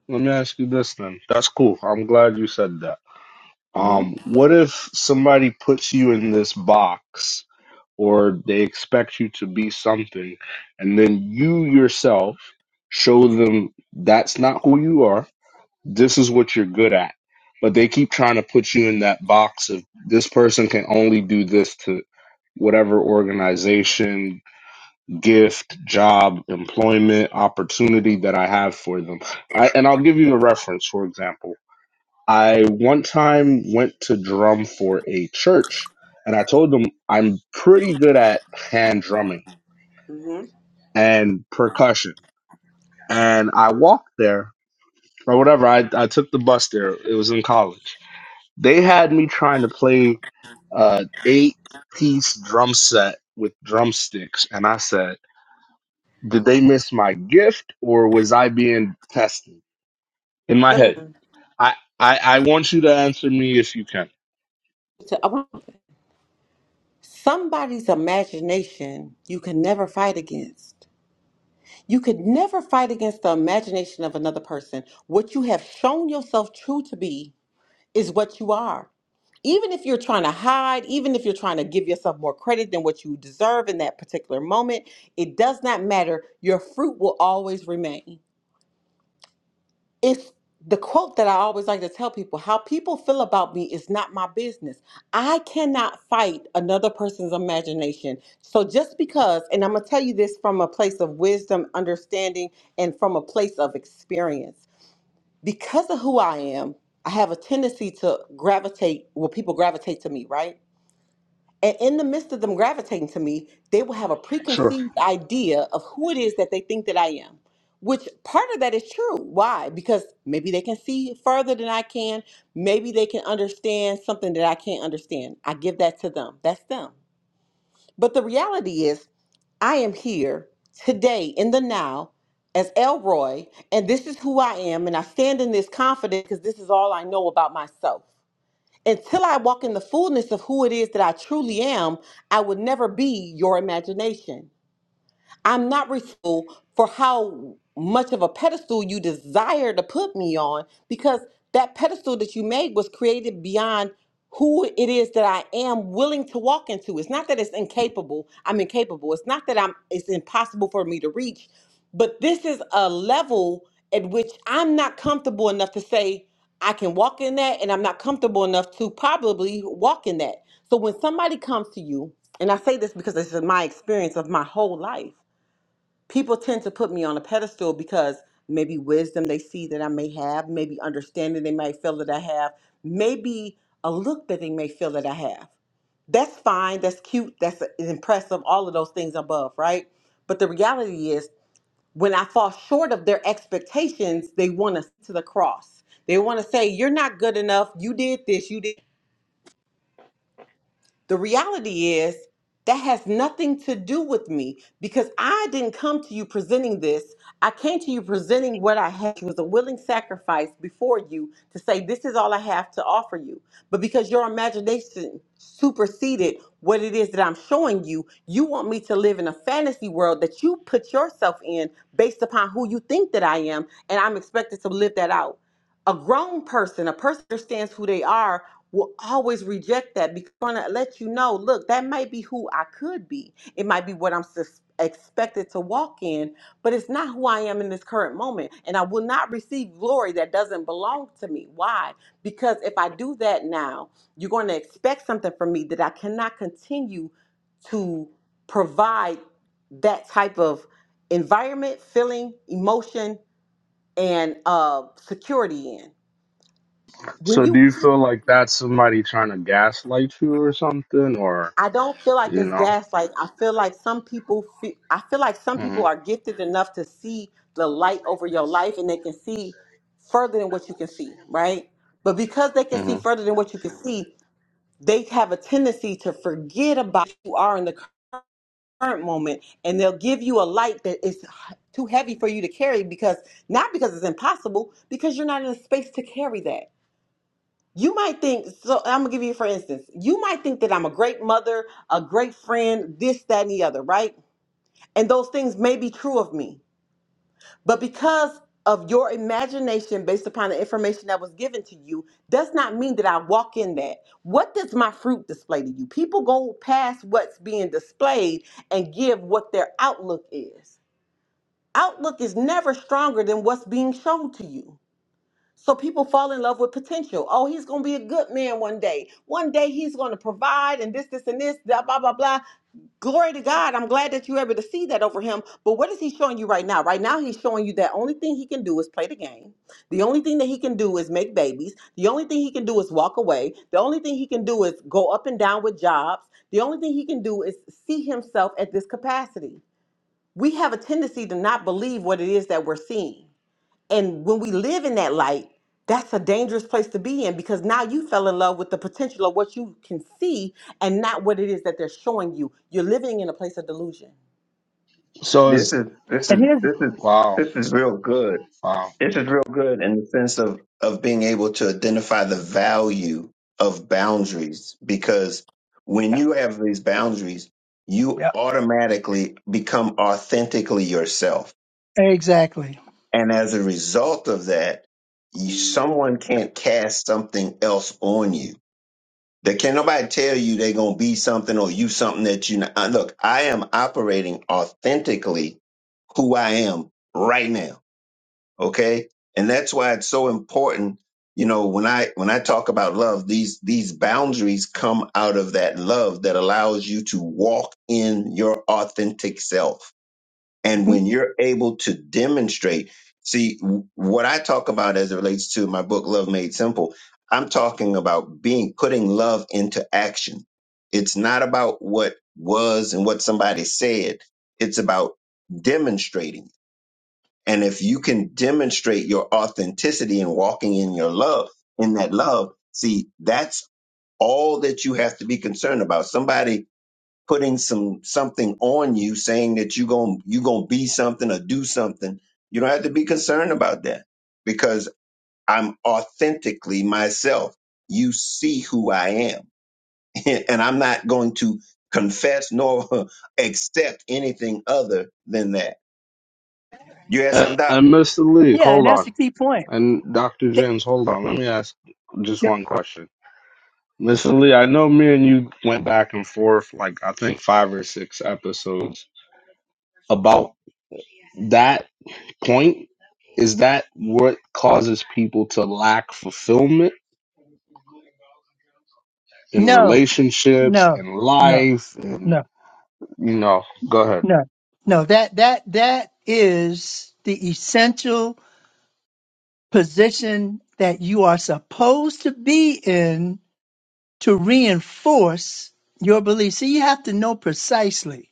Let me ask you this then. That's cool. I'm glad you said that.
hmm
Um, what if somebody puts you in this box or they expect you to be something and then you yourself show them that's not who you are. This is what you're good at. But they keep trying to put you in that box of this person can only do this to whatever organization, gift, job, employment, opportunity that I have for them. I, and I'll give you a reference, for example. I one time went to drum for a church and I told them I'm pretty good at hand drumming
hmm
and percussion. And I walked there or whatever. I, I took the bus there. It was in college. They had me trying to play uh eight piece drum set with drumsticks. And I said, Did they miss my gift or was I being tested in my
Let me.
head? I, I, I want you to answer me if you can.
to- I want somebody's imagination you can never fight against. You could never fight against the imagination of another person. What you have shown yourself true to be is what you are. even if you're trying to hide, even if you're trying to give yourself more credit than what you deserve in that particular moment, it does not matter. Your fruit will always remain. It's the quote that I always like to tell people how people feel about me is not my business. I cannot fight another person's imagination. So just because, and I'm going to tell you this from a place of wisdom, understanding, and from a place of experience, because of who I am, I have a tendency to gravitate, well, people gravitate to me, right? And in the midst of them gravitating to me, they will have a
Sure.
preconceived idea of who it is that they think that I am, which part of that is true. Why? Because maybe they can see further than I can. Maybe they can understand something that I can't understand. I give that to them. That's them. But the reality is, I am here today in the now as Elroy, and this is who I am. And I stand in this confidence because this is all I know about myself until I walk in the fullness of who it is that I truly am, I would never be your imagination. I'm not responsible for how much of a pedestal you desire to put me on because that pedestal that you made was created beyond who it is that I am willing to walk into. It's not that it's incapable, I'm incapable. It's not that I'm it's impossible for me to reach, but this is a level at which I'm not comfortable enough to say I can walk in that and I'm not comfortable enough to probably walk in that. So when somebody comes to you, and I say this because this is my experience of my whole life people tend to put me on a pedestal because maybe wisdom they see that I may have, maybe understanding they might feel that I have, maybe a look that they may feel that I have. That's fine, that's cute, that's impressive, all of those things above, right? But the reality is, when I fall short of their expectations, they want us to the cross. They want to say, You're not good enough, you did this, you did the reality is that has nothing to do with me because I didn't come to you presenting this. I came to you presenting what I had which was a willing sacrifice before you to say this is all I have to offer you. But because your imagination superseded what it is that I'm showing you, you want me to live in a fantasy world that you put yourself in based upon who you think that I am and I'm expected to live that out. A grown person, a person who understands who they are will always reject that because they're going to let you know look that might be who i could be it might be what i'm sus- expected to walk in but it's not who i am in this current moment and i will not receive glory that doesn't belong to me why because if i do that now you're going to expect something from me that i cannot continue to provide that type of environment feeling emotion and uh, security in when
So do
you
you feel like that's somebody trying to gaslight you or something or,
I don't feel like
you
it's
know?
gaslight. I feel like some people feel, I feel like some
hmm
people are gifted enough to see the light over your life and they can see further than what you can see, right? But because they can see
hmm
further than what you can see, they have a tendency to forget about who you are in the current moment and they'll give you a light that is too heavy for you to carry because not because it's impossible, because you're not in a space to carry that. You might think, so I'm gonna give you for instance, you might think that I'm a great mother, a great friend, this, that, and the other, right? And those things may be true of me. But because of your imagination based upon the information that was given to you, does not mean that I walk in that. What does my fruit display to you? People go past what's being displayed and give what their outlook is. Outlook is never stronger than what's being shown to you. So people fall in love with potential. Oh, he's going to be a good man one day. One day he's going to provide and this, this, and this, blah, blah, blah, blah. Glory to God. I'm glad that you're able to see that over him. But what is he showing you right now? Right now, he's showing you that only thing he can do is play the game. The only thing that he can do is make babies. The only thing he can do is walk away. The only thing he can do is go up and down with jobs. The only thing he can do is see himself at this capacity. We have a tendency to not believe what it is that we're seeing. And when we live in that light, that's a dangerous place to be in because now you fell in love with the potential of what you can see and not what it is that they're showing you. You're living in a place of delusion.
So
this
it's,
is this
And
is
here's
this is
wow,
this is real good
wow.
This is real good in the sense of of being able to identify the value of boundaries because when
yeah,
you have these boundaries, you
yeah.
automatically become authentically yourself.
exactly.
And as a result of that, you, someone can't cast something else on you. They can't nobody tell you they're gonna be something or you something that you not. uh, Look, I am operating authentically who I am right now okay and that's why it's so important you know when i when i talk about love these these boundaries come out of that love that allows you to walk in your authentic self and
Mhm.
when you're able to demonstrate see w- what i talk about as it relates to my book love made simple i'm talking about being putting love into action it's not about what was and what somebody said it's about demonstrating and if you can demonstrate your authenticity and walking in your love, in that love, see, that's all that you have to be concerned about. Somebody putting some something on you, saying that you going you gonna be something or do something. You don't have to be concerned about that because I'm authentically myself. You see who I am, and I'm not going to confess nor accept anything other than that. You have some
And,
doubt?
and Mr. Lee,
Yeah, and
hold
that's
on.
the key point.
And Dr.
Th-
James, hold on. Let me ask just
th-
one question. Mr. Lee, I know me and you went back and forth like I think five or six episodes about that point is that what causes people to lack fulfillment in
No,
relationships
no,
in
no,
life and
no,
you know go ahead
no, no. That that that is the essential position that you are supposed to be in to reinforce your belief. See, you have to know precisely.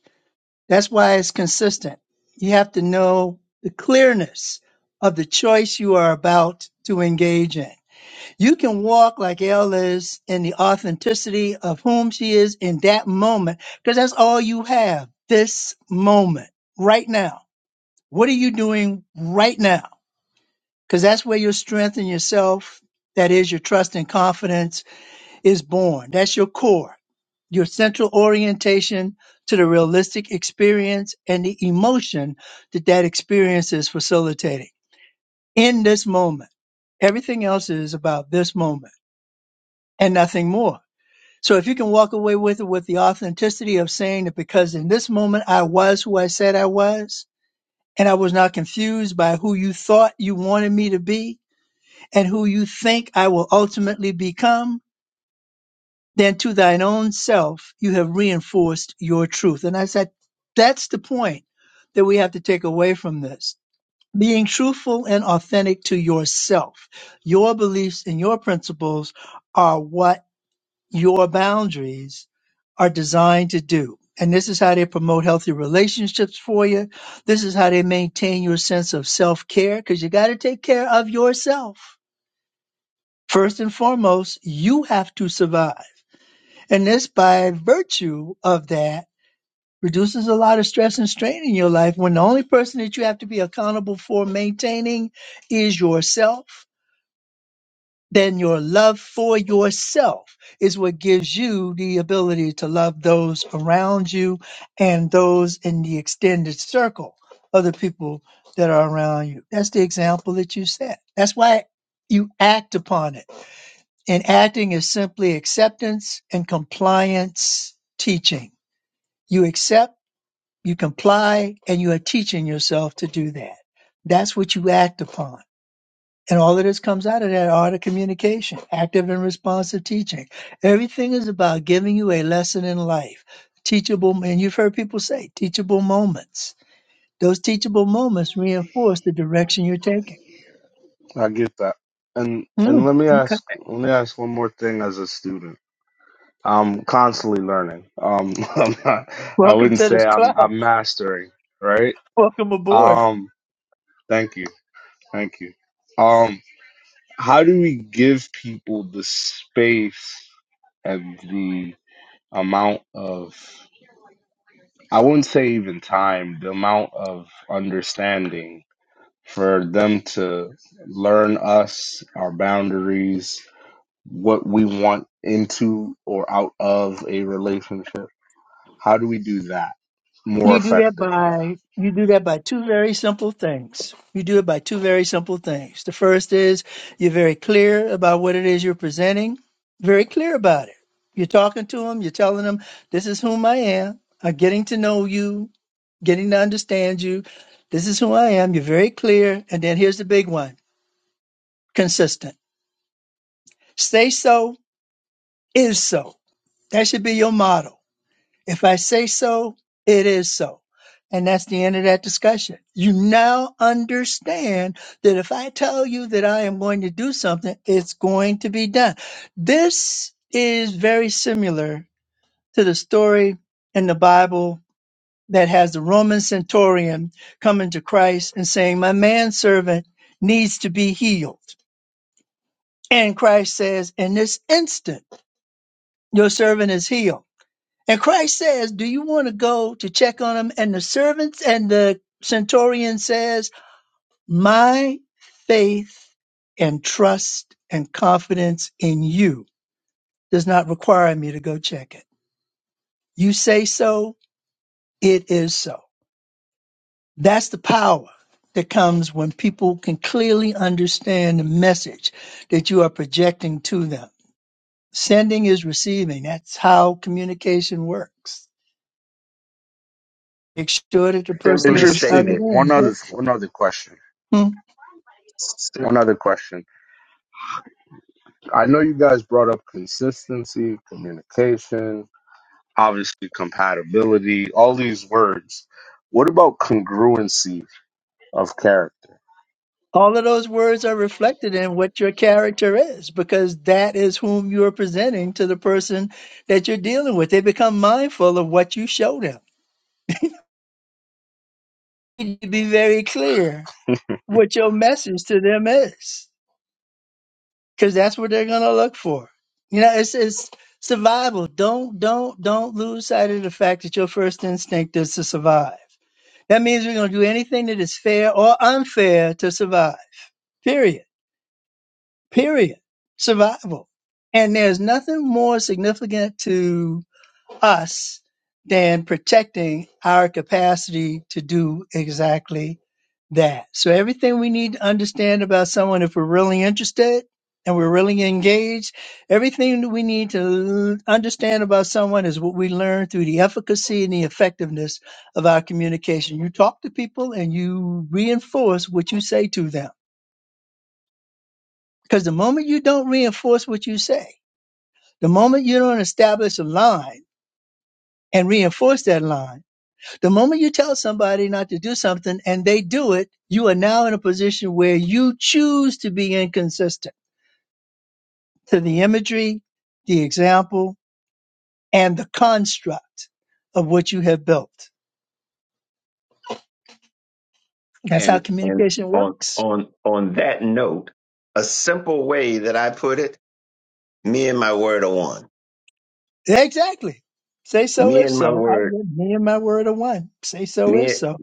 That's why it's consistent. You have to know the clearness of the choice you are about to engage in. You can walk like Elle is in the authenticity of whom she is in that moment, because that's all you have this moment, right now. What are you doing right now? Because that's where your strength in yourself, that is your trust and confidence is born. That's your core, your central orientation to the realistic experience and the emotion that that experience is facilitating in this moment. Everything else is about this moment and nothing more. So if you can walk away with it with the authenticity of saying that because in this moment I was who I said I was, and I was not confused by who you thought you wanted me to be and who you think I will ultimately become, then to thine own self you have reinforced your truth. And I said, that's the point that we have to take away from this. Being truthful and authentic to yourself. Your beliefs and your principles are what your boundaries are designed to do. And this is how they promote healthy relationships for you. This is how they maintain your sense of self care because you got to take care of yourself. First and foremost, you have to survive. And this, by virtue of that, reduces a lot of stress and strain in your life when the only person that you have to be accountable for maintaining is yourself. Then your love for yourself is what gives you the ability to love those around you and those in the extended circle of the people that are around you. That's the example that you set. That's why you act upon it. And acting is simply acceptance and compliance teaching you accept, you comply, and you are teaching yourself to do that. That's what you act upon. And all of this comes out of that art of communication, active and responsive teaching. Everything is about giving you a lesson in life, teachable, and you've heard people say teachable moments. Those teachable moments reinforce the direction you're taking.
i get that and
Mm,
and let me
okay.
ask let me ask one more thing as a student i'm constantly learning um i'm not i
Welcome
wouldn't
to this
say i'm
club.
i'm mastering right
Welcome aboard.
um thank you thank you um how do we give people the space and the amount of I wouldn't say even time, the amount of understanding for them to learn us, our boundaries, what we want into or out of a relationship. How do we do that more
You do that
effectively?
by you do that by two very simple things. You do it by two very simple things. The first is you're very clear about what it is you're presenting, very clear about it. You're talking to them, you're telling them, this is whom I am. I'm getting to know you, getting to understand you. This is who I am. You're very clear. And then here's the big one consistent. Say so is so. That should be your motto. If I say so, it is so. And that's the end of that discussion. You now understand that if I tell you that I am going to do something, it's going to be done. This is very similar to the story in the Bible that has the Roman centurion coming to Christ and saying, My manservant needs to be healed. And Christ says, In this instant, your servant is healed. And Christ says, Do you want to go to check on him? And the servants and the centurion says, My faith and trust and confidence in you does not require me to go check it. You say so, it is so. That's the power that comes when people can clearly understand the message that you are projecting to them. Sending is receiving. That's how communication works. Make sure that the person
Simply
on the
Interesting.
stated
other
One
end
other
gets it.
one other question.
Hmm?
One other question. I know you guys brought up consistency, communication, obviously compatibility, all these words. What about congruency of character?
All of those words are reflected in what your character is because that is whom you're presenting to the person that you're dealing with. They become mindful of what you show them. You need to be very clear what your message to them is because that's what they're going to look for. You know, it's, it's survival. Don't, don't, don't lose sight of the fact that your first instinct is to survive. That means we're going to do anything that is fair or unfair to survive, period. period. Survival. And there's nothing more significant to us than protecting our capacity to do exactly that. So everything we need to understand about someone, if we're really interested and we're really engaged, everything that we need to l- understand about someone is what we learn through the efficacy and the effectiveness of our communication. You talk to people and you reinforce what you say to them. Because the moment you don't reinforce what you say, the moment you don't establish a line and reinforce that line, the moment you tell somebody not to do something and they do it, you are now in a position where you choose to be inconsistent to the imagery, the example, and the construct of what you have built. That's how
And and
communication
on
works.
on on that note, a simple way that I put it, me and my word are one.
Exactly. Say so
Me
is
and my
so. I,
word,
me and my word are one. Say so
me
is so.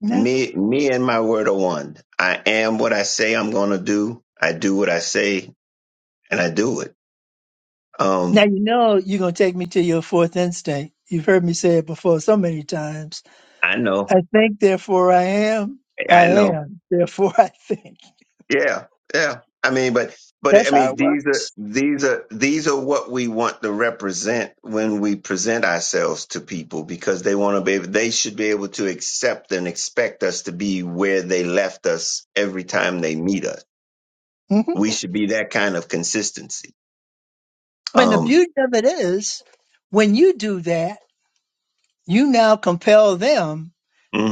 Now,
me me and my word are one. I am what I say I'm gonna do. I do what I say and I do it.
now
Um
you know you're gonna take me to your fourth instinct. You've heard me say it before so many times
I know.
I think, therefore I am. I
I know
am, therefore I think.
Yeah, yeah. I mean, but but I
That's how
mean,
it
these are
works.
these are these are what we want to represent when we present ourselves to people because they want to be able, they should be able to accept and expect us to be where they left us every time they meet us.
hmm
We should be that kind of consistency.
And the
Um,
beauty of it is, when you do that, you now compel them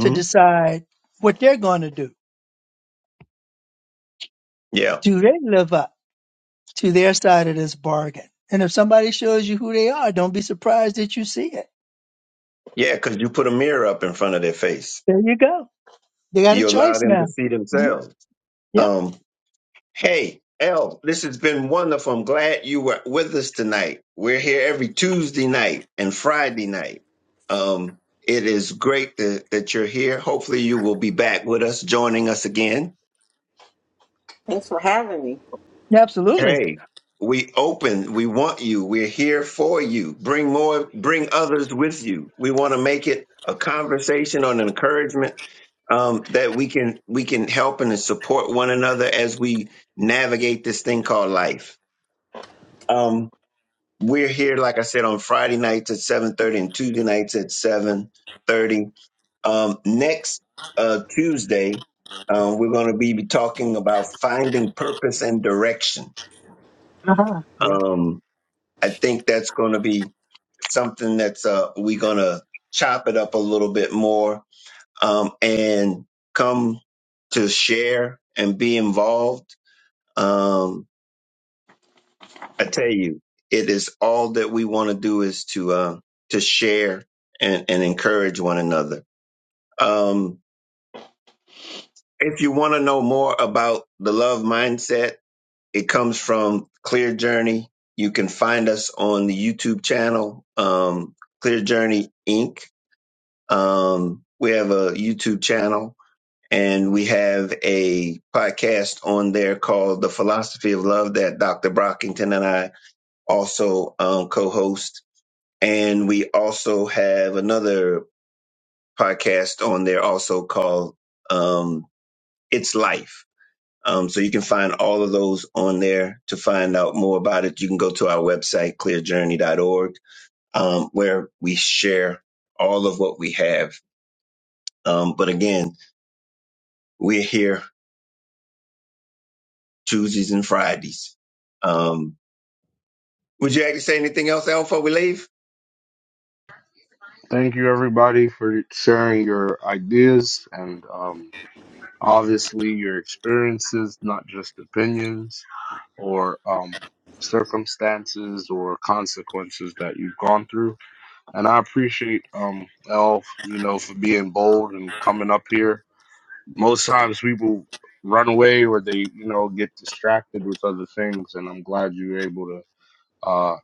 to decide what they're going to do.
yeah,
Do they live up to their side of this bargain? And if somebody shows you who they are, don't be surprised that you see it.
yeah, because you put a mirror up in front of their face,
There you go. They got a
you allow
choice
them
now.
to see
Mhm.
themselves. Um, Hey, El, this has been wonderful. I'm glad you were with us tonight. We're here every Tuesday night and Friday night. Um, it is great that, that you're here. Hopefully, you will be back with us, joining us again.
Thanks for having me.
Yeah, absolutely.
Hey, we open. We want you. We're here for you. Bring more. Bring others with you. We want to make it a conversation on encouragement um, that we can we can help and support one another as we navigate this thing called life. Um, We're here, like I said, on Friday nights at 7.30 and Tuesday nights at 7.30. Um, next uh, Tuesday, um, we're going to be talking about finding purpose and direction.
Uh-huh. Yeah.
Um, I think that's going to be something that's uh, we're going to chop it up a little bit more um, and come to share and be involved. Um, I tell you, it is all that we want to do is to uh, to share and, and encourage one another. Um, if you want to know more about the love mindset, it comes from Clear Journey. You can find us on the YouTube channel, um, Clear Journey Inc. Um, we have a YouTube channel and we have a podcast on there called The Philosophy of Love that Dr. Brockington and I also um, co host and we also have another podcast on there also called um, It's Life. Um, so you can find all of those on there to find out more about it. You can go to our website, clearjourney.org, um, where we share all of what we have. Um, but again, we're here Tuesdays and Fridays. Um, would you actually say anything else, Al, before we leave?
Thank you, everybody, for sharing your ideas and um, obviously your experiences, not just opinions or um, circumstances or consequences that you've gone through. And I appreciate um, Elle, you know, for being bold and coming up here. Most times people run away or they, you know, get distracted with other things. And I'm glad you were able to, uh,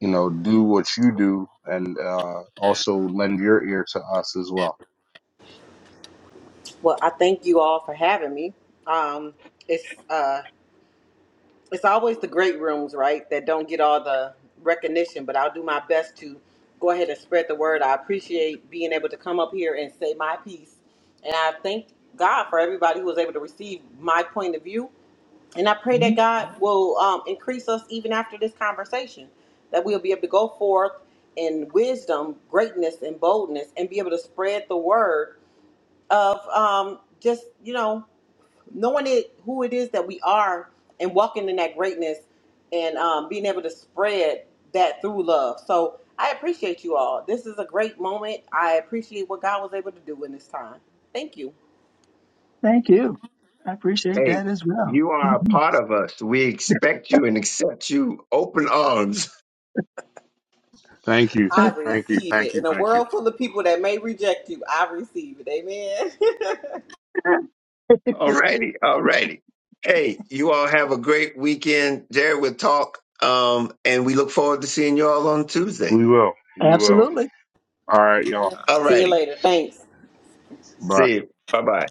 you know, do what you do and uh, also lend your ear to us as well.
Well, I thank you all for having me. Um, it's uh, it's always the great rooms, right, that don't get all the recognition, but I'll do my best to go ahead and spread the word. I appreciate being able to come up here and say my piece, and I thank God for everybody who was able to receive my point of view And I pray that
Mhm.
God will um, increase us even after this conversation, that we'll be able to go forth in wisdom, greatness, and boldness, and be able to spread the word of um, just, you know, knowing it, who it is that we are and walking in that greatness and um, being able to spread that through love. So I appreciate you all. This is a great moment. I appreciate what God was able to do in this time. Thank you.
Thank you. I appreciate
Hey,
that as well.
you are a part of us. We expect you and accept you open arms.
Thank you.
I
Thank you.
receive
Thank
it.
you.
In a
Thank you.
world full of people that may reject you, I receive it. Amen.
Alrighty, alrighty. Hey, you all have a great weekend. Jared will talk. Um, and we look forward to seeing you all on Tuesday.
We will. We will.
Absolutely.
All right, y'all.
See you
Alrighty.
later. Thanks.
Bye.
See you. Bye bye.